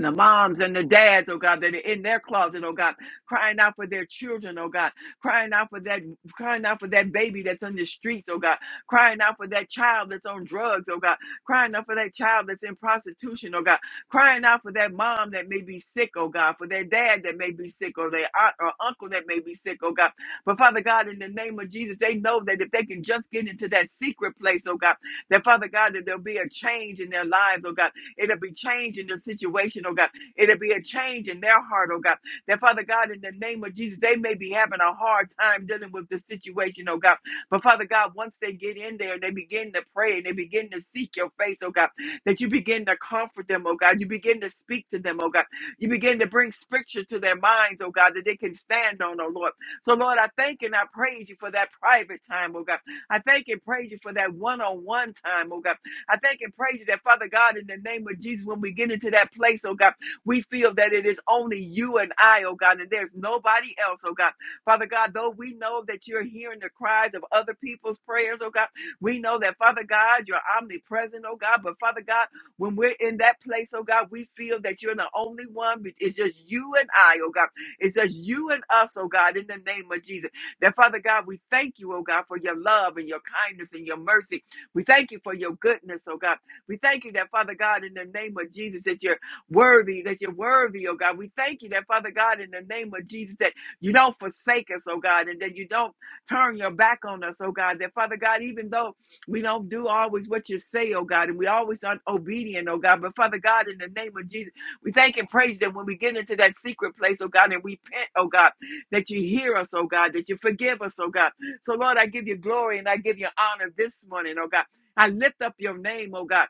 C: the moms and the dads, oh God, that are in their closet, oh God, crying out for their children, oh God, crying out for that, crying out for that baby that's on the streets, oh God, crying out for that child that's on drugs, oh God, crying out for that child that's in prostitution, oh God, crying out for that mom that may be sick, oh God, for their dad that may be sick, or their aunt or uncle that may be sick, oh God. But Father God, in the name of Jesus, they know that if they can just get into that secret place, oh God, that Father God, that there'll be a change in their lives, oh God It'll be change in the situation, oh God. It'll be a change in their heart, oh God. That Father God, in the name of Jesus, they may be having a hard time dealing with the situation, oh God. But Father God, once they get in there and they begin to pray and they begin to seek your face, oh God, that you begin to comfort them, oh God. You begin to speak to them, oh God. You begin to bring scripture to their minds, oh God, that they can stand on, oh Lord. So, Lord, I thank and I praise you for that private time, oh God. I thank and praise you for that one on one time, oh God. I thank and praise you that, Father God, in the name of Jesus, when we get into that place, oh God, we feel that it is only you and I, oh God, and there's nobody else, oh God. Father God, though we know that you're hearing the cries of other people's prayers, oh God, we know that, Father God, you're omnipresent, oh God, but Father God, when we're in that place, oh God, we feel that you're the only one. It's just you and I, oh God. It's just you and us, oh God, in the name of Jesus. That, Father God, we thank you, oh God, for your love and your kindness and your mercy we thank you for your goodness, oh God. We thank you that, Father God, in the name of Jesus, that you're worthy, that you're worthy, oh God. We thank you that, Father God, in the name of Jesus, that you don't forsake us, oh God, and that you don't turn your back on us, oh God. That, Father God, even though we don't do always what you say, oh God, and we always aren't obedient, oh God, but Father God, in the name of Jesus, we thank and praise that when we get into that secret place, oh God, and we repent, oh God, that you hear us, oh God, that you forgive us, oh God. So, Lord, I give you glory and I give you honor this morning, oh God. I lift up your name, oh God.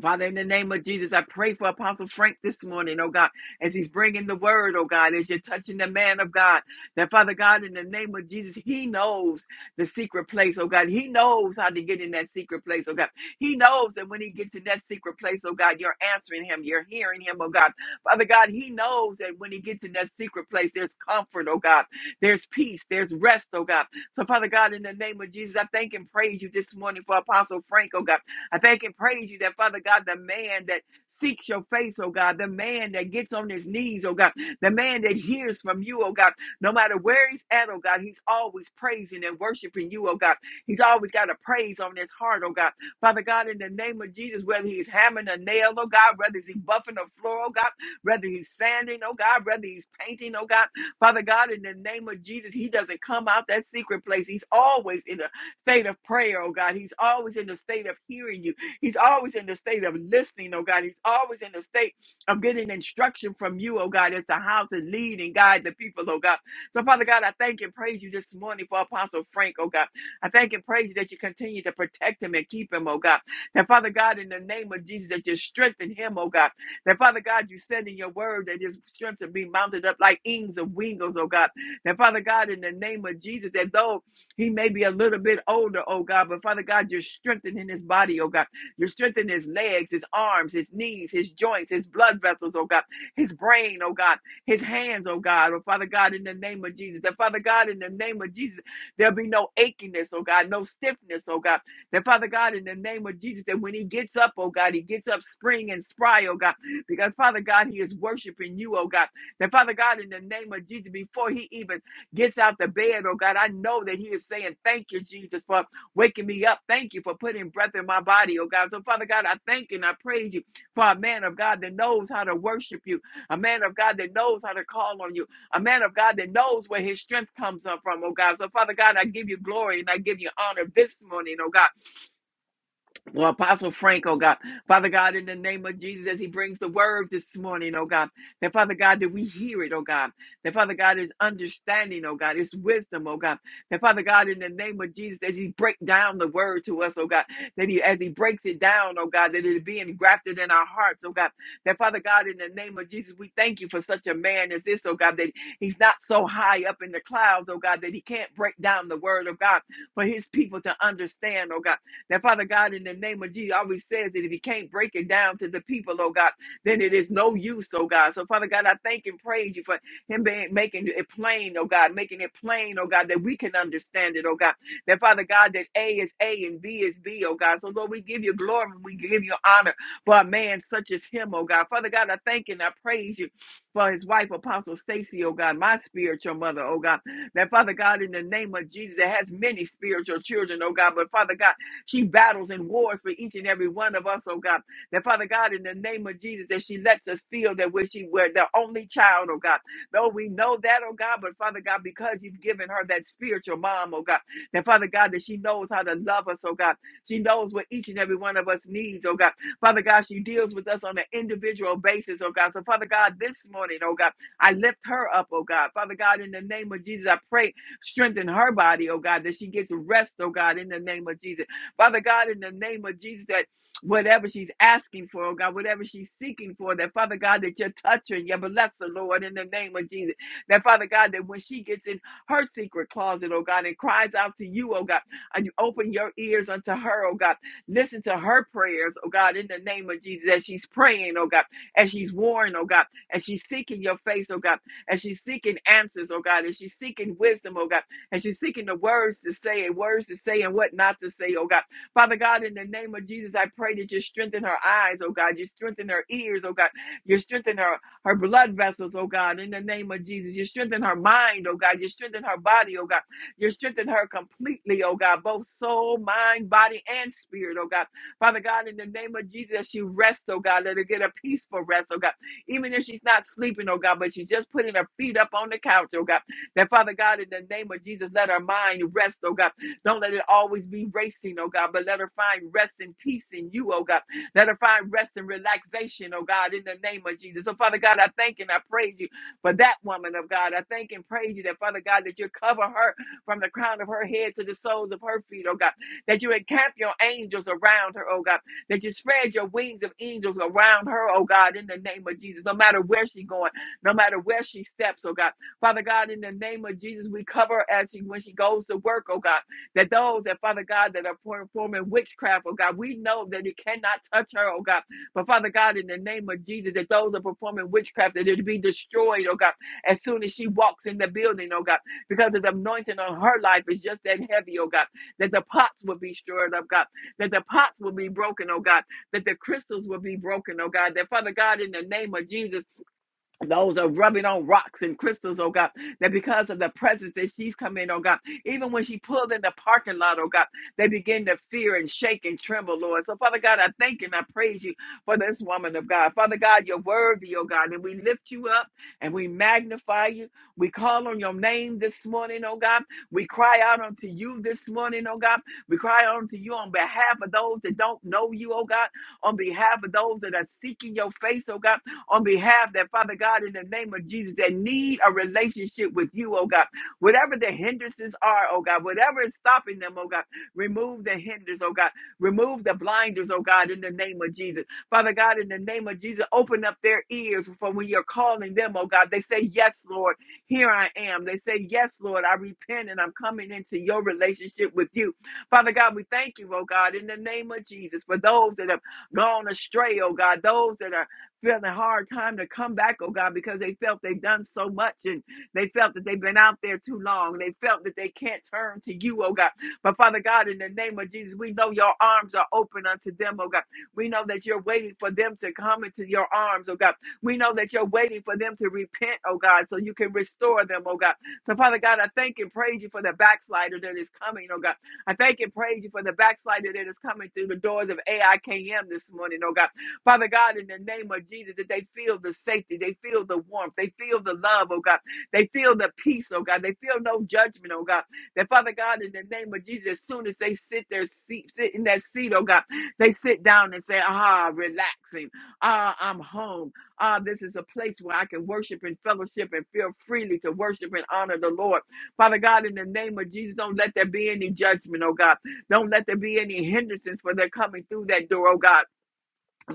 C: Father, in the name of Jesus, I pray for Apostle Frank this morning, oh God, as he's bringing the word, oh God, as you're touching the man of God. That Father God, in the name of Jesus, he knows the secret place, oh God. He knows how to get in that secret place, oh God. He knows that when he gets in that secret place, oh God, you're answering him, you're hearing him, oh God. Father God, he knows that when he gets in that secret place, there's comfort, oh God. There's peace, there's rest, oh God. So, Father God, in the name of Jesus, I thank and praise you this morning for Apostle Frank, oh God. I thank and praise you that, Father God, the man that seeks your face, oh God, the man that gets on his knees, oh God, the man that hears from you, oh God, no matter where he's at, oh God, he's always praising and worshiping you, oh God. He's always got a praise on his heart, oh God. Father God, in the name of Jesus, whether he's hammering a nail, oh God, whether he's buffing a floor, oh God, whether he's sanding, oh God, whether he's painting, oh God, Father God, in the name of Jesus, he doesn't come out that secret place. He's always in a state of prayer, oh God. He's always in the state of hearing you. He's always in the state of listening, oh God. He's always in the state of getting instruction from you, oh God, as to how to lead and guide the people, oh God. So, Father God, I thank and praise you this morning for Apostle Frank, oh God. I thank and praise you that you continue to protect him and keep him, oh God. That, Father God, in the name of Jesus, that you strengthen him, oh God. That, Father God, you said in your word that his strength should be mounted up like wings of wings, oh God. That, Father God, in the name of Jesus, that though he may be a little bit older, oh God, but Father God, you're strengthening his body, oh God. You're strengthening his legs, his arms, his knees, his joints, his blood vessels, oh God, his brain, oh God, his hands, oh God, oh Father God, in the name of Jesus. That Father God, in the name of Jesus, there'll be no achiness, oh God, no stiffness, oh God. That Father God, in the name of Jesus, that when he gets up, oh God, he gets up spring and spry, oh God, because Father God, he is worshiping you, oh God. That Father God, in the name of Jesus, before he even gets out the bed, oh God, I know that he is saying, Thank you, Jesus, for waking me up. Thank you for putting breath in my body, oh God. So, Father God, I thank you and I praise you for a man of God that knows how to worship you, a man of God that knows how to call on you, a man of God that knows where his strength comes up from, oh God. So, Father God, I give you glory and I give you honor this morning, oh God. Well, Apostle Frank, oh God, Father God, in the name of Jesus, as he brings the word this morning, oh God, that Father God, that we hear it, oh God, that Father God is understanding, oh God, is wisdom, oh God, that Father God, in the name of Jesus, as he break down the word to us, oh God, that he, as he breaks it down, oh God, that it be engrafted in our hearts, oh God, that Father God, in the name of Jesus, we thank you for such a man as this, oh God, that he's not so high up in the clouds, oh God, that he can't break down the word of God for his people to understand, oh God. Now, Father God, in the name of Jesus, always says that if you can't break it down to the people, oh God, then it is no use, oh God. So, Father God, I thank and praise you for him being, making it plain, oh God, making it plain, oh God, that we can understand it, oh God. That, Father God, that A is A and B is B, oh God. So, Lord, we give you glory and we give you honor for a man such as him, oh God. Father God, I thank and I praise you for his wife, Apostle Stacy, oh God, my spiritual mother, oh God. That, Father God, in the name of Jesus, that has many spiritual children, oh God. But, Father God, she battles and wars for each and every one of us, oh God. That Father God, in the name of Jesus, that she lets us feel that we're, she, we're the only child, oh God. Though we know that, oh God, but Father God, because you've given her that spiritual mom, oh God, that Father God, that she knows how to love us, oh God. She knows what each and every one of us needs, oh God. Father God, she deals with us on an individual basis, oh God. So, Father God, this morning, oh God, I lift her up, oh God. Father God, in the name of Jesus, I pray, strengthen her body, oh God, that she gets rest, oh God, in the name of Jesus Father God, in the name of Jesus, that whatever she's asking for, oh God, whatever she's seeking for, that Father God, that you're touching, you bless her, Lord, in the name of Jesus. That Father God, that when she gets in her secret closet, oh God, and cries out to you, oh God, and you open your ears unto her, oh God, listen to her prayers, oh God, in the name of Jesus, as she's praying, oh God, as she's warring, oh God, as she's seeking your face, oh God, as she's seeking answers, oh God, as she's seeking wisdom, oh God, as she's seeking the words to say and words to say and what not to say, oh God. Father God, in the name of Jesus, I pray that you strengthen her eyes, oh God. You strengthen her ears, oh God. You strengthen her, her blood vessels, oh God, in the name of Jesus. You strengthen her mind, oh God. You strengthen her body, oh God. You strengthen her completely, oh God, both soul, mind, body, and spirit, oh God. Father God, in the name of Jesus, as she rests, oh God. Let her get a peaceful rest, oh God. Even if she's not sleeping, oh God, but she's just putting her feet up on the couch, oh God. That Father God, in the name of Jesus, let her mind rest, oh God. Don't let it always be racing, oh God, but let her find rest and peace in you, oh God. Let her find rest and relaxation, oh God, in the name of Jesus. So, Father God, I thank and I praise you for that woman of God. I thank and praise you that, Father God, that you cover her from the crown of her head to the soles of her feet, oh God. That you encamp your angels around her, oh God. That you spread your wings of angels around her, oh God, in the name of Jesus. No matter where she's going, no matter where she steps, oh God. Father God, in the name of Jesus, we cover her as she when she goes to work, oh God that those that, Father God, that are performing witchcraft, oh God, we know that it cannot touch her, oh God. But Father God, in the name of Jesus, that those that are performing witchcraft, that it be destroyed, oh God, as soon as she walks in the building, oh God, because of the anointing on her life is just that heavy, oh God, that the pots will be stirred up, God, that the pots will be broken, oh God, that the crystals will be broken, oh God, that Father God, in the name of Jesus, those are rubbing on rocks and crystals, oh God, that because of the presence that she's come in, oh God, even when she pulled in the parking lot, oh God, they begin to fear and shake and tremble, Lord. So, Father God, I thank and I praise you for this woman of God. Father God, you're worthy, oh God, and we lift you up and we magnify you. We call on your name this morning, oh God. We cry out unto you this morning, oh God. We cry out unto you on behalf of those that don't know you, oh God, on behalf of those that are seeking your face, oh God on behalf that, Father God, in the name of Jesus, that need a relationship with you, oh God. Whatever the hindrances are, oh God, whatever is stopping them, oh God, remove the hinders, oh God. Remove the blinders, oh God, in the name of Jesus. Father God, in the name of Jesus, open up their ears for when you're calling them, oh God. They say, Yes, Lord, here I am. They say, Yes, Lord, I repent and I'm coming into your relationship with you. Father God, we thank you, oh God, in the name of Jesus, for those that have gone astray, oh God, those that are feeling a hard time to come back, oh God, because they felt they've done so much and they felt that they've been out there too long. They felt that they can't turn to you, oh God. But Father God, in the name of Jesus, we know your arms are open unto them, oh God. We know that you're waiting for them to come into your arms, oh God. We know that you're waiting for them to repent, oh God, so you can restore them, oh God. So, Father God, I thank and praise you for the backslider that is coming, oh God. I thank and praise you for the backslider that is coming through the doors of AIKM this morning, oh God. Father God, in the name of Jesus, that they feel the safety, they feel the warmth, they feel the love, oh God, they feel the peace, oh God, they feel no judgment, oh God. That Father God, in the name of Jesus, as soon as they sit their seat, sit in that seat, oh God, they sit down and say, ah, relaxing, ah, I'm home, ah, this is a place where I can worship and fellowship and feel freely to worship and honor the Lord. Father God, in the name of Jesus, don't let there be any judgment, oh God. Don't let there be any hindrances for their coming through that door, oh God.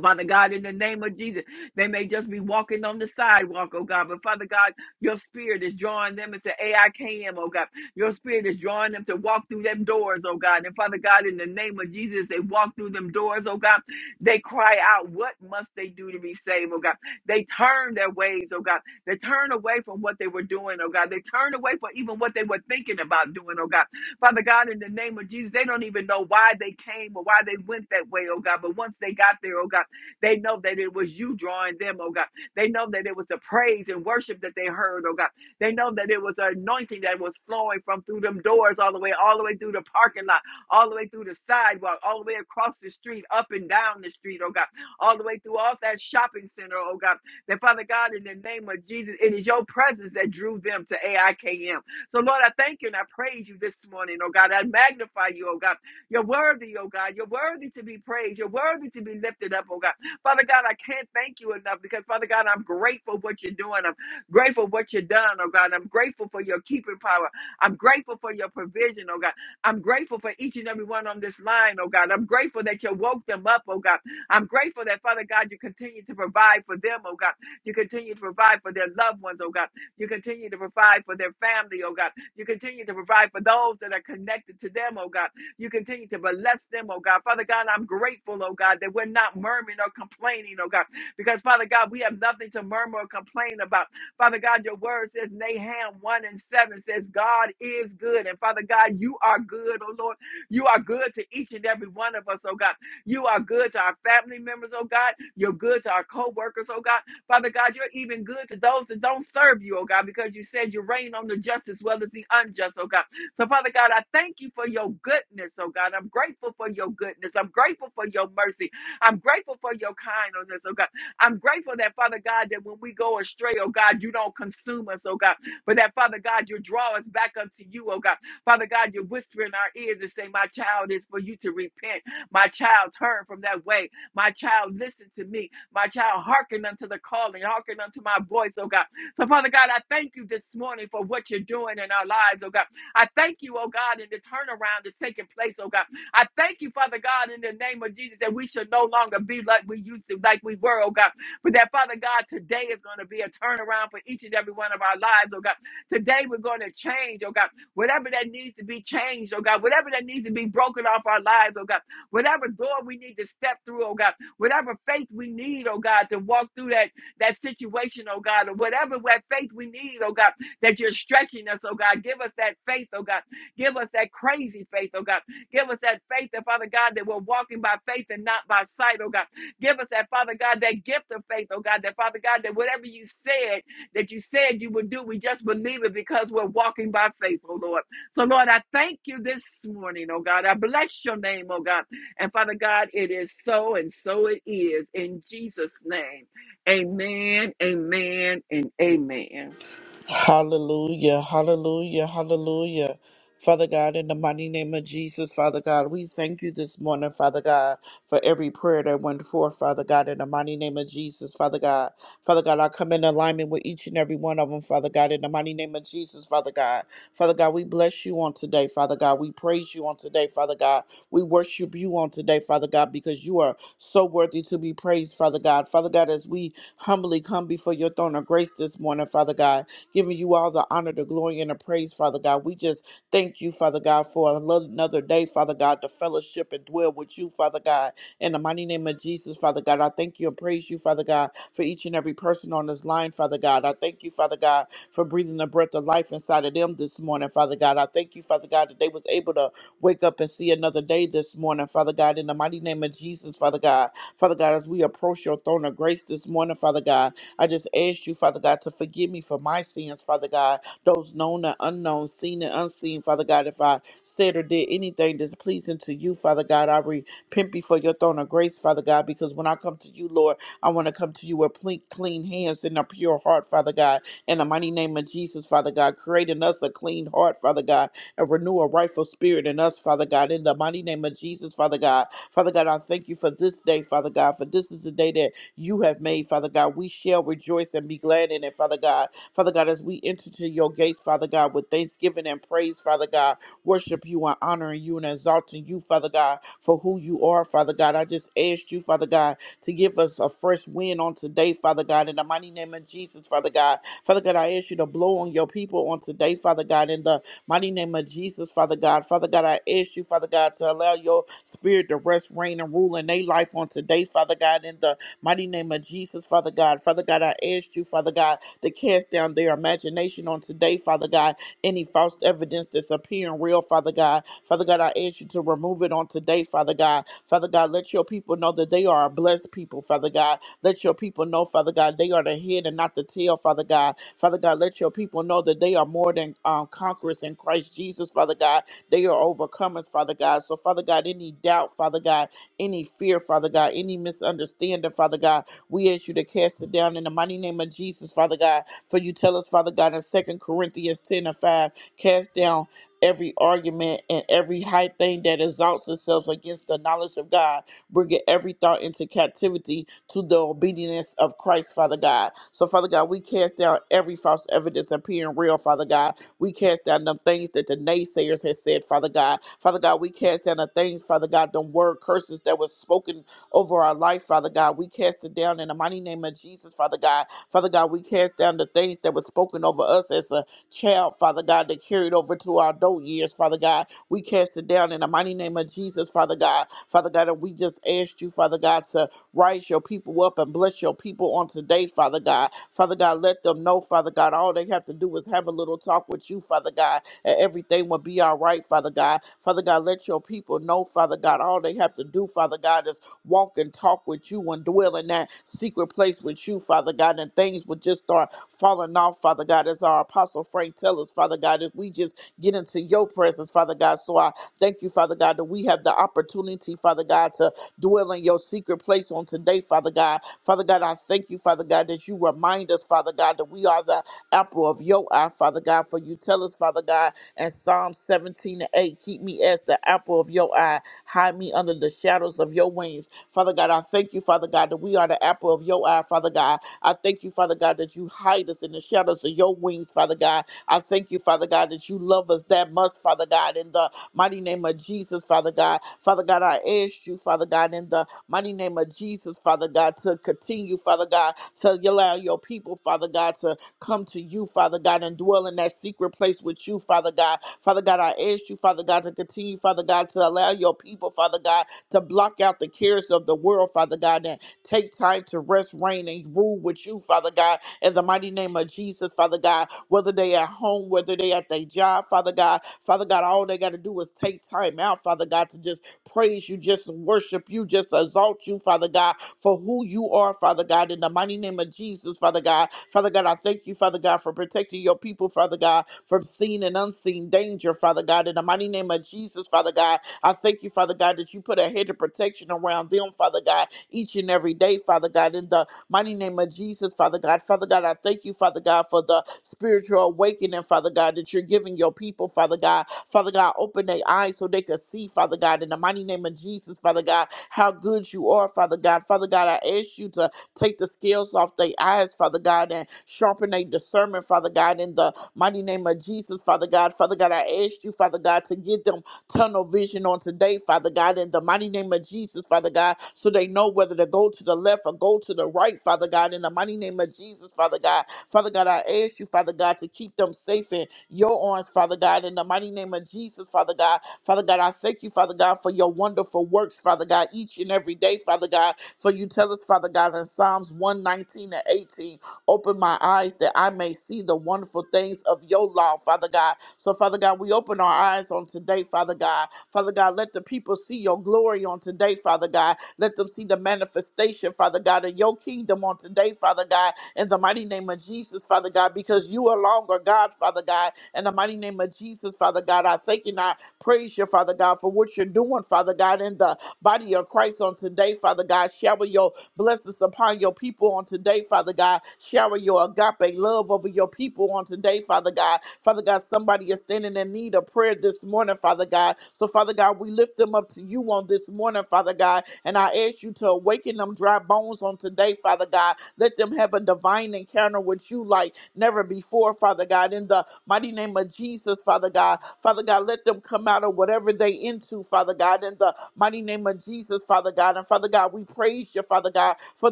C: Father God, in the name of Jesus, they may just be walking on the sidewalk, oh God. But Father God, your spirit is drawing them into AIKM, oh God. Your spirit is drawing them to walk through them doors, oh God. And Father God, in the name of Jesus, they walk through them doors, oh God. They cry out, What must they do to be saved, oh God? They turn their ways, oh God. They turn away from what they were doing, oh God. They turn away from even what they were thinking about doing, oh God. Father God, in the name of Jesus, they don't even know why they came or why they went that way, oh God. But once they got there, oh God, they know that it was you drawing them, oh God. They know that it was the praise and worship that they heard, oh God. They know that it was an anointing that was flowing from through them doors all the way, all the way through the parking lot, all the way through the sidewalk, all the way across the street, up and down the street, oh God, all the way through all that shopping center, oh God. That Father God, in the name of Jesus, it is your presence that drew them to AIKM. So, Lord, I thank you and I praise you this morning, oh God. I magnify you, oh God. You're worthy, oh God. You're worthy to be praised. You're worthy to be lifted up, oh God. Father God, I can't thank you enough because, Father God, I'm grateful for what you're doing. I'm grateful for what you've done, oh God. I'm grateful for your keeping power. I'm grateful for your provision, oh God. I'm grateful for each and every one on this line, oh God. I'm grateful that you woke them up, oh God. I'm grateful that, Father God, you continue to provide for them, oh God. You continue to provide for their loved ones, oh God. You continue to provide for their family, oh God. You continue to provide for those that are connected to them, oh God. You continue to bless them, oh God. Father God, I'm grateful, oh God, that we're not murmuring or complaining, oh God, because Father God, we have nothing to murmur or complain about. Father God, your word says, Nahum 1 and 7 says, God is good. And Father God, you are good, oh Lord. You are good to each and every one of us, oh God. You are good to our family members, oh God. You're good to our co workers, oh God. Father God, you're even good to those that don't serve you, oh God, because you said you reign on the just as well as the unjust, oh God. So, Father God, I thank you for your goodness, oh God. I'm grateful for your goodness. I'm grateful for your mercy. I'm grateful for your kindness, oh God. I'm grateful that, Father God, that when we go astray, oh God, you don't consume us, oh God. But that, Father God, you draw us back unto you, oh God. Father God, you whisper in our ears and say, My child is for you to repent. My child, turn from that way. My child, listen to me. My child, hearken unto the calling, hearken unto my voice, oh God. So, Father God, I thank you this morning for what you're doing in our lives, oh God. I thank you, oh God, in the turnaround that's taking place, oh God. I thank you, Father God, in the name of Jesus, that we should no longer be like we used to, like we were, oh God. But that, Father God, today is going to be a turnaround for each and every one of our lives, oh God. Today we're going to change, oh God. Whatever that needs to be changed, oh God. Whatever that needs to be broken off our lives, oh God. Whatever door we need to step through, oh God whatever faith we need, oh God, to walk through that, that situation, oh God, or whatever that faith we need, oh God, that you're stretching us, oh God. Give us that faith, oh God. Give us that crazy faith, oh God. Give us that faith that, Father God, that we're walking by faith and not by sight, oh God. Give us that, Father God, that gift of faith, oh God, that, Father God, that whatever you said, that you said you would do, we just believe it because we're walking by faith, oh Lord. So, Lord, I thank you this morning, oh God. I bless your name, oh God. And Father God, it is so and so it is. In Jesus' name, amen, amen, and amen.
A: Hallelujah, hallelujah, hallelujah. Father God, in the mighty name of Jesus, Father God, we thank you this morning, Father God, for every prayer that went forth, Father God, in the mighty name of Jesus, Father God. Father God, I come in alignment with each and every one of them, Father God, in the mighty name of Jesus, Father God. Father God, we bless you on today, Father God. We praise you on today, Father God. We worship you on today, Father God, because you are so worthy to be praised, Father God. Father God, as we humbly come before your throne of grace this morning, Father God, giving you all the honor, the glory, and the praise, Father God. We just thank you, Father God, for another day, Father God, to fellowship and dwell with you, Father God. In the mighty name of Jesus, Father God, I thank you and praise you, Father God, for each and every person on this line, Father God. I thank you, Father God, for breathing the breath of life inside of them this morning, Father God. I thank you, Father God, that they was able to wake up and see another day this morning, Father God. In the mighty name of Jesus, Father God. Father God, as we approach your throne of grace this morning, Father God, I just ask you, Father God, to forgive me for my sins, Father God, those known and unknown, seen and unseen, Father God. If I said or did anything displeasing to you, Father God, I repent before your throne of grace, Father God, because when I come to you, Lord, I want to come to you with ple- clean hands and a pure heart, Father God. In the mighty name of Jesus, Father God, create in us a clean heart, Father God, and renew a rightful spirit in us, Father God. In the mighty name of Jesus, Father God. Father God, I thank you for this day, Father God, for this is the day that you have made, Father God. We shall rejoice and be glad in it, Father God. Father God, as we enter to your gates, Father God, with thanksgiving and praise, Father God, worship you and honoring you and exalting you, Father God, for who you are, Father God. I just asked you, Father God, to give us a fresh wind on today, Father God, in the mighty name of Jesus, Father God. Father God, I ask you to blow on your people on today, Father God, in the mighty name of Jesus, Father God. Father God, I ask you, Father God, to allow your spirit to rest, reign, and rule in their life on today, Father God, in the Mighty name of Jesus, Father God. Father God, I ask you, Father God, to cast down their imagination on today, Father God. Any false evidence that's appearing real, Father God. Father God, I ask you to remove it on today, Father God. Father God, let your people know that they are a blessed people, Father God. Let your people know, Father God, they are the head and not the tail, Father God. Father God, let your people know that they are more than um, conquerors in Christ Jesus, Father God. They are overcomers, Father God. So, Father God, any doubt, Father God, any fear, Father God, any misunderstanding, Father God. We ask you to cast it down in the mighty name of Jesus, Father God. For you tell us, Father God, in 2 Corinthians 10 and 5, cast down every argument and every high thing that exalts itself against the knowledge of God, bringing every thought into captivity to the obedience of Christ, Father God. So, Father God, we cast down every false evidence appearing real, Father God. We cast down them things that the naysayers has said, Father God. Father God, we cast down the things, Father God, them word curses that was spoken over our life, Father God. We cast it down in the mighty name of Jesus, Father God. Father God, we cast down the things that was spoken over us as a child, Father God, that carried over to our adult years, Father God. We cast it down in the mighty name of Jesus, Father God. Father God, and we just asked you, Father God, to Rise your people up and bless your people on today, Father God. Father God, let them know, Father God, all they have to do is have a little talk with you, Father God, and everything will be all right, Father God. Father God, let your people know, Father God, all they have to do, Father God, is walk and talk with you and dwell in that secret place with you, Father God, and things would just start falling off, Father God, as our Apostle Frank tells us, Father God, if we just get into your presence, Father God. So I thank you, Father God, that we have the opportunity, Father God, to dwell in your secret place on today, Father God. Father God, I thank you, Father God, that you remind us, Father God, that we are the apple of your eye, Father God. For you tell us, Father God, in Psalm 17 and 8, keep me as the apple of your eye, hide me under the shadows of your wings. Father God, I thank you, Father God, that we are the apple of your eye, Father God. I thank you, Father God, that you hide us in the shadows of your wings, Father God. I thank you, Father God, that you love us that much, Father God, in the mighty name of Jesus, Father God. Father God, I ask you, Father God, in the mighty name of Jesus, Father God, to continue, Father God, to allow your people, Father God, to come to you, Father God, and dwell in that secret place with you, Father God. Father God, I ask you, Father God, to continue, Father God, to allow your people, Father God, to block out the cares of the world, Father God, Take time to rest, reign, and rule with you, Father God, in the mighty name of Jesus, Father God. Whether they at home, whether they at their job, Father God, Father God, all they got to do is take time out, Father God, to just praise you, just worship you, just exalt you, Father God, for who you are, Father God, in the mighty name of Jesus, Father God. Father God, I thank you, Father God, for protecting your people, Father God, from seen and unseen danger, Father God, in the mighty name of Jesus, Father God. I thank you, Father God, that you put a hedge of protection around them, Father God, each and every day, Father God, in the Mighty name of Jesus, Father God. Father God, I thank you, Father God, for the spiritual awakening, Father God, that you're giving your people, Father God. Father God, open their eyes so they can see, Father God, in the mighty name of Jesus, Father God, how good you are, Father God. Father God, I ask you to take the scales off their eyes, Father God, and sharpen their discernment, Father God, in the mighty name of Jesus, Father God. Father God, I ask you, Father God, to give them tunnel vision on today, Father God, in the mighty name of Jesus, Father God, so they know whether to go to the left or go to the right, Father God, in the mighty name of Jesus, Father God. Father God, I ask you, Father God, to keep them safe in your arms, Father God, in the mighty name of Jesus, Father God. Father God, I thank you, Father God, for your wonderful works, Father God, each and every day, Father God, for you tell us, Father God, in Psalms 119 and 18. Open my eyes that I may see the wonderful things of your law, Father God. So, Father God, we open our eyes on today, Father God. Father God, let the people see your glory on today, Father God. Let them see the manifestation, Father God, of your kingdom on today, Father God, in the mighty name of Jesus, Father God, because you alone are God, Father God. In the mighty name of Jesus, Father God, I thank you and I praise you, Father God, for what you're doing, Father God, in the body of Christ on today, Father God. Shower your blessings upon your people on today, Father God. Shower your agape love over your people on today, Father God. Father God, somebody is standing in need of prayer this morning, Father God. So, Father God, we lift them up to you on this morning, Father God. And I ask you to awaken them dry bones on today, Father God. Let them have a divine encounter with you like never before, Father God. In the mighty name of Jesus, Father God. Father God, let them come out of whatever they into to, Father God, in the mighty name of Jesus, Father God. And Father God, we praise you, Father God, for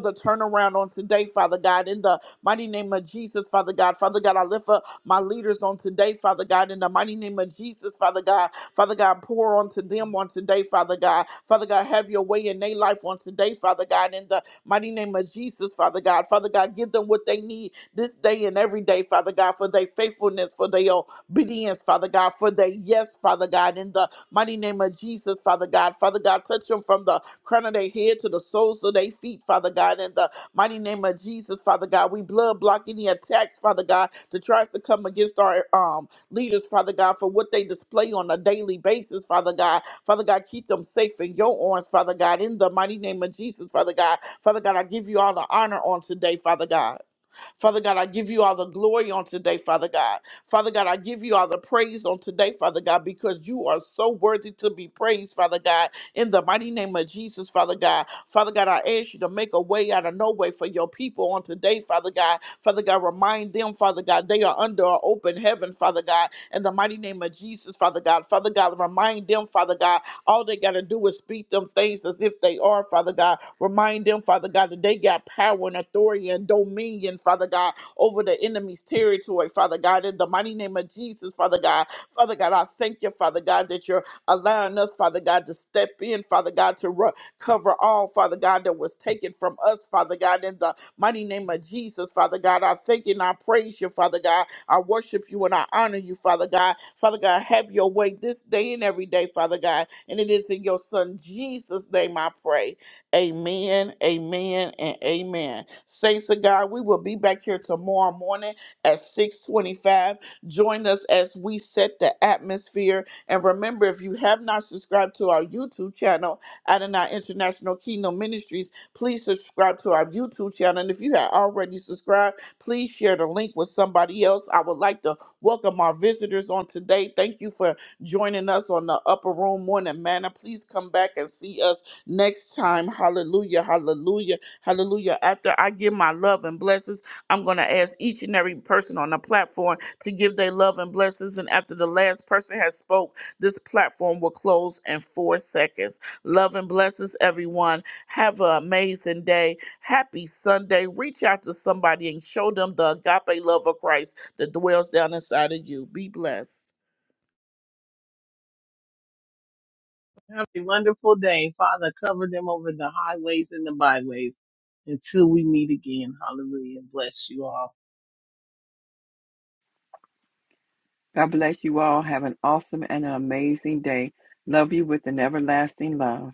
A: the turnaround on today, Father God, in the mighty name of Jesus, Father God. Father God, I lift up my leaders on today, Father God, in the mighty name of Jesus, Father God. Father God, pour onto them on today, Father God. Father God, have your way in their life on today, Father God, in the mighty name of Jesus, Father God. Father God, give them what they need this day and every day, Father God, for their faithfulness, for their obedience, Father God, for their yes, Father God, in the Mighty name of Jesus, Father God. Father God, touch them from the crown of their head to the soles of their feet, Father God. In the mighty name of Jesus, Father God, we blood block any attacks, Father God, that tries to come against our um leaders, Father God, for what they display on a daily basis, Father God. Father God, keep them safe in your arms, Father God. In the mighty name of Jesus, Father God. Father God, I give you all the honor on today, Father God. Father God, I give you all the glory on today, Father God. Father God, I give you all the praise on today, Father God, because you are so worthy to be praised, Father God. In the mighty name of Jesus, Father God. Father God, I ask you to make a way out of no way for your people on today, Father God. Father God, remind them, Father God, they are under an open heaven, Father God. In the mighty name of Jesus, Father God. Father God, remind them, Father God, all they got to do is speak them things as if they are, Father God. Remind them, Father God, that they got power and authority and dominion, Father God, over the enemy's territory, Father God. In the mighty name of Jesus, Father God. Father God, I thank you, Father God, that you're allowing us, Father God, to step in, Father God, to ru- cover all, Father God, that was taken from us, Father God, in the mighty name of Jesus, Father God. I thank you and I praise you, Father God. I worship you and I honor you, Father God. Father God, have your way this day and every day, Father God. And it is in your Son Jesus' name I pray. Amen, amen, and amen. Saints of God, we will be back here tomorrow morning at 625. Join us as we set the atmosphere. And remember, if you have not subscribed to our YouTube channel, Adonai International Kingdom Ministries, please subscribe to our YouTube channel. And if you have already subscribed, please share the link with somebody else. I would like to welcome our visitors on today. Thank you for joining us on the Upper Room Morning Manor. Please come back and see us next time. Hallelujah, hallelujah, hallelujah. After I give my love and blessings, I'm going to ask each and every person on the platform to give their love and blessings. And after the last person has spoke, this platform will close in four seconds. Love and blessings, everyone. Have an amazing day. Happy Sunday. Reach out to somebody and show them the agape love of Christ that dwells down inside of you. Be blessed.
B: Have a wonderful day. Father, cover them over the highways and the byways until we meet again. Hallelujah. Bless you all.
C: God bless you all. Have an awesome and an amazing day. Love you with an everlasting love.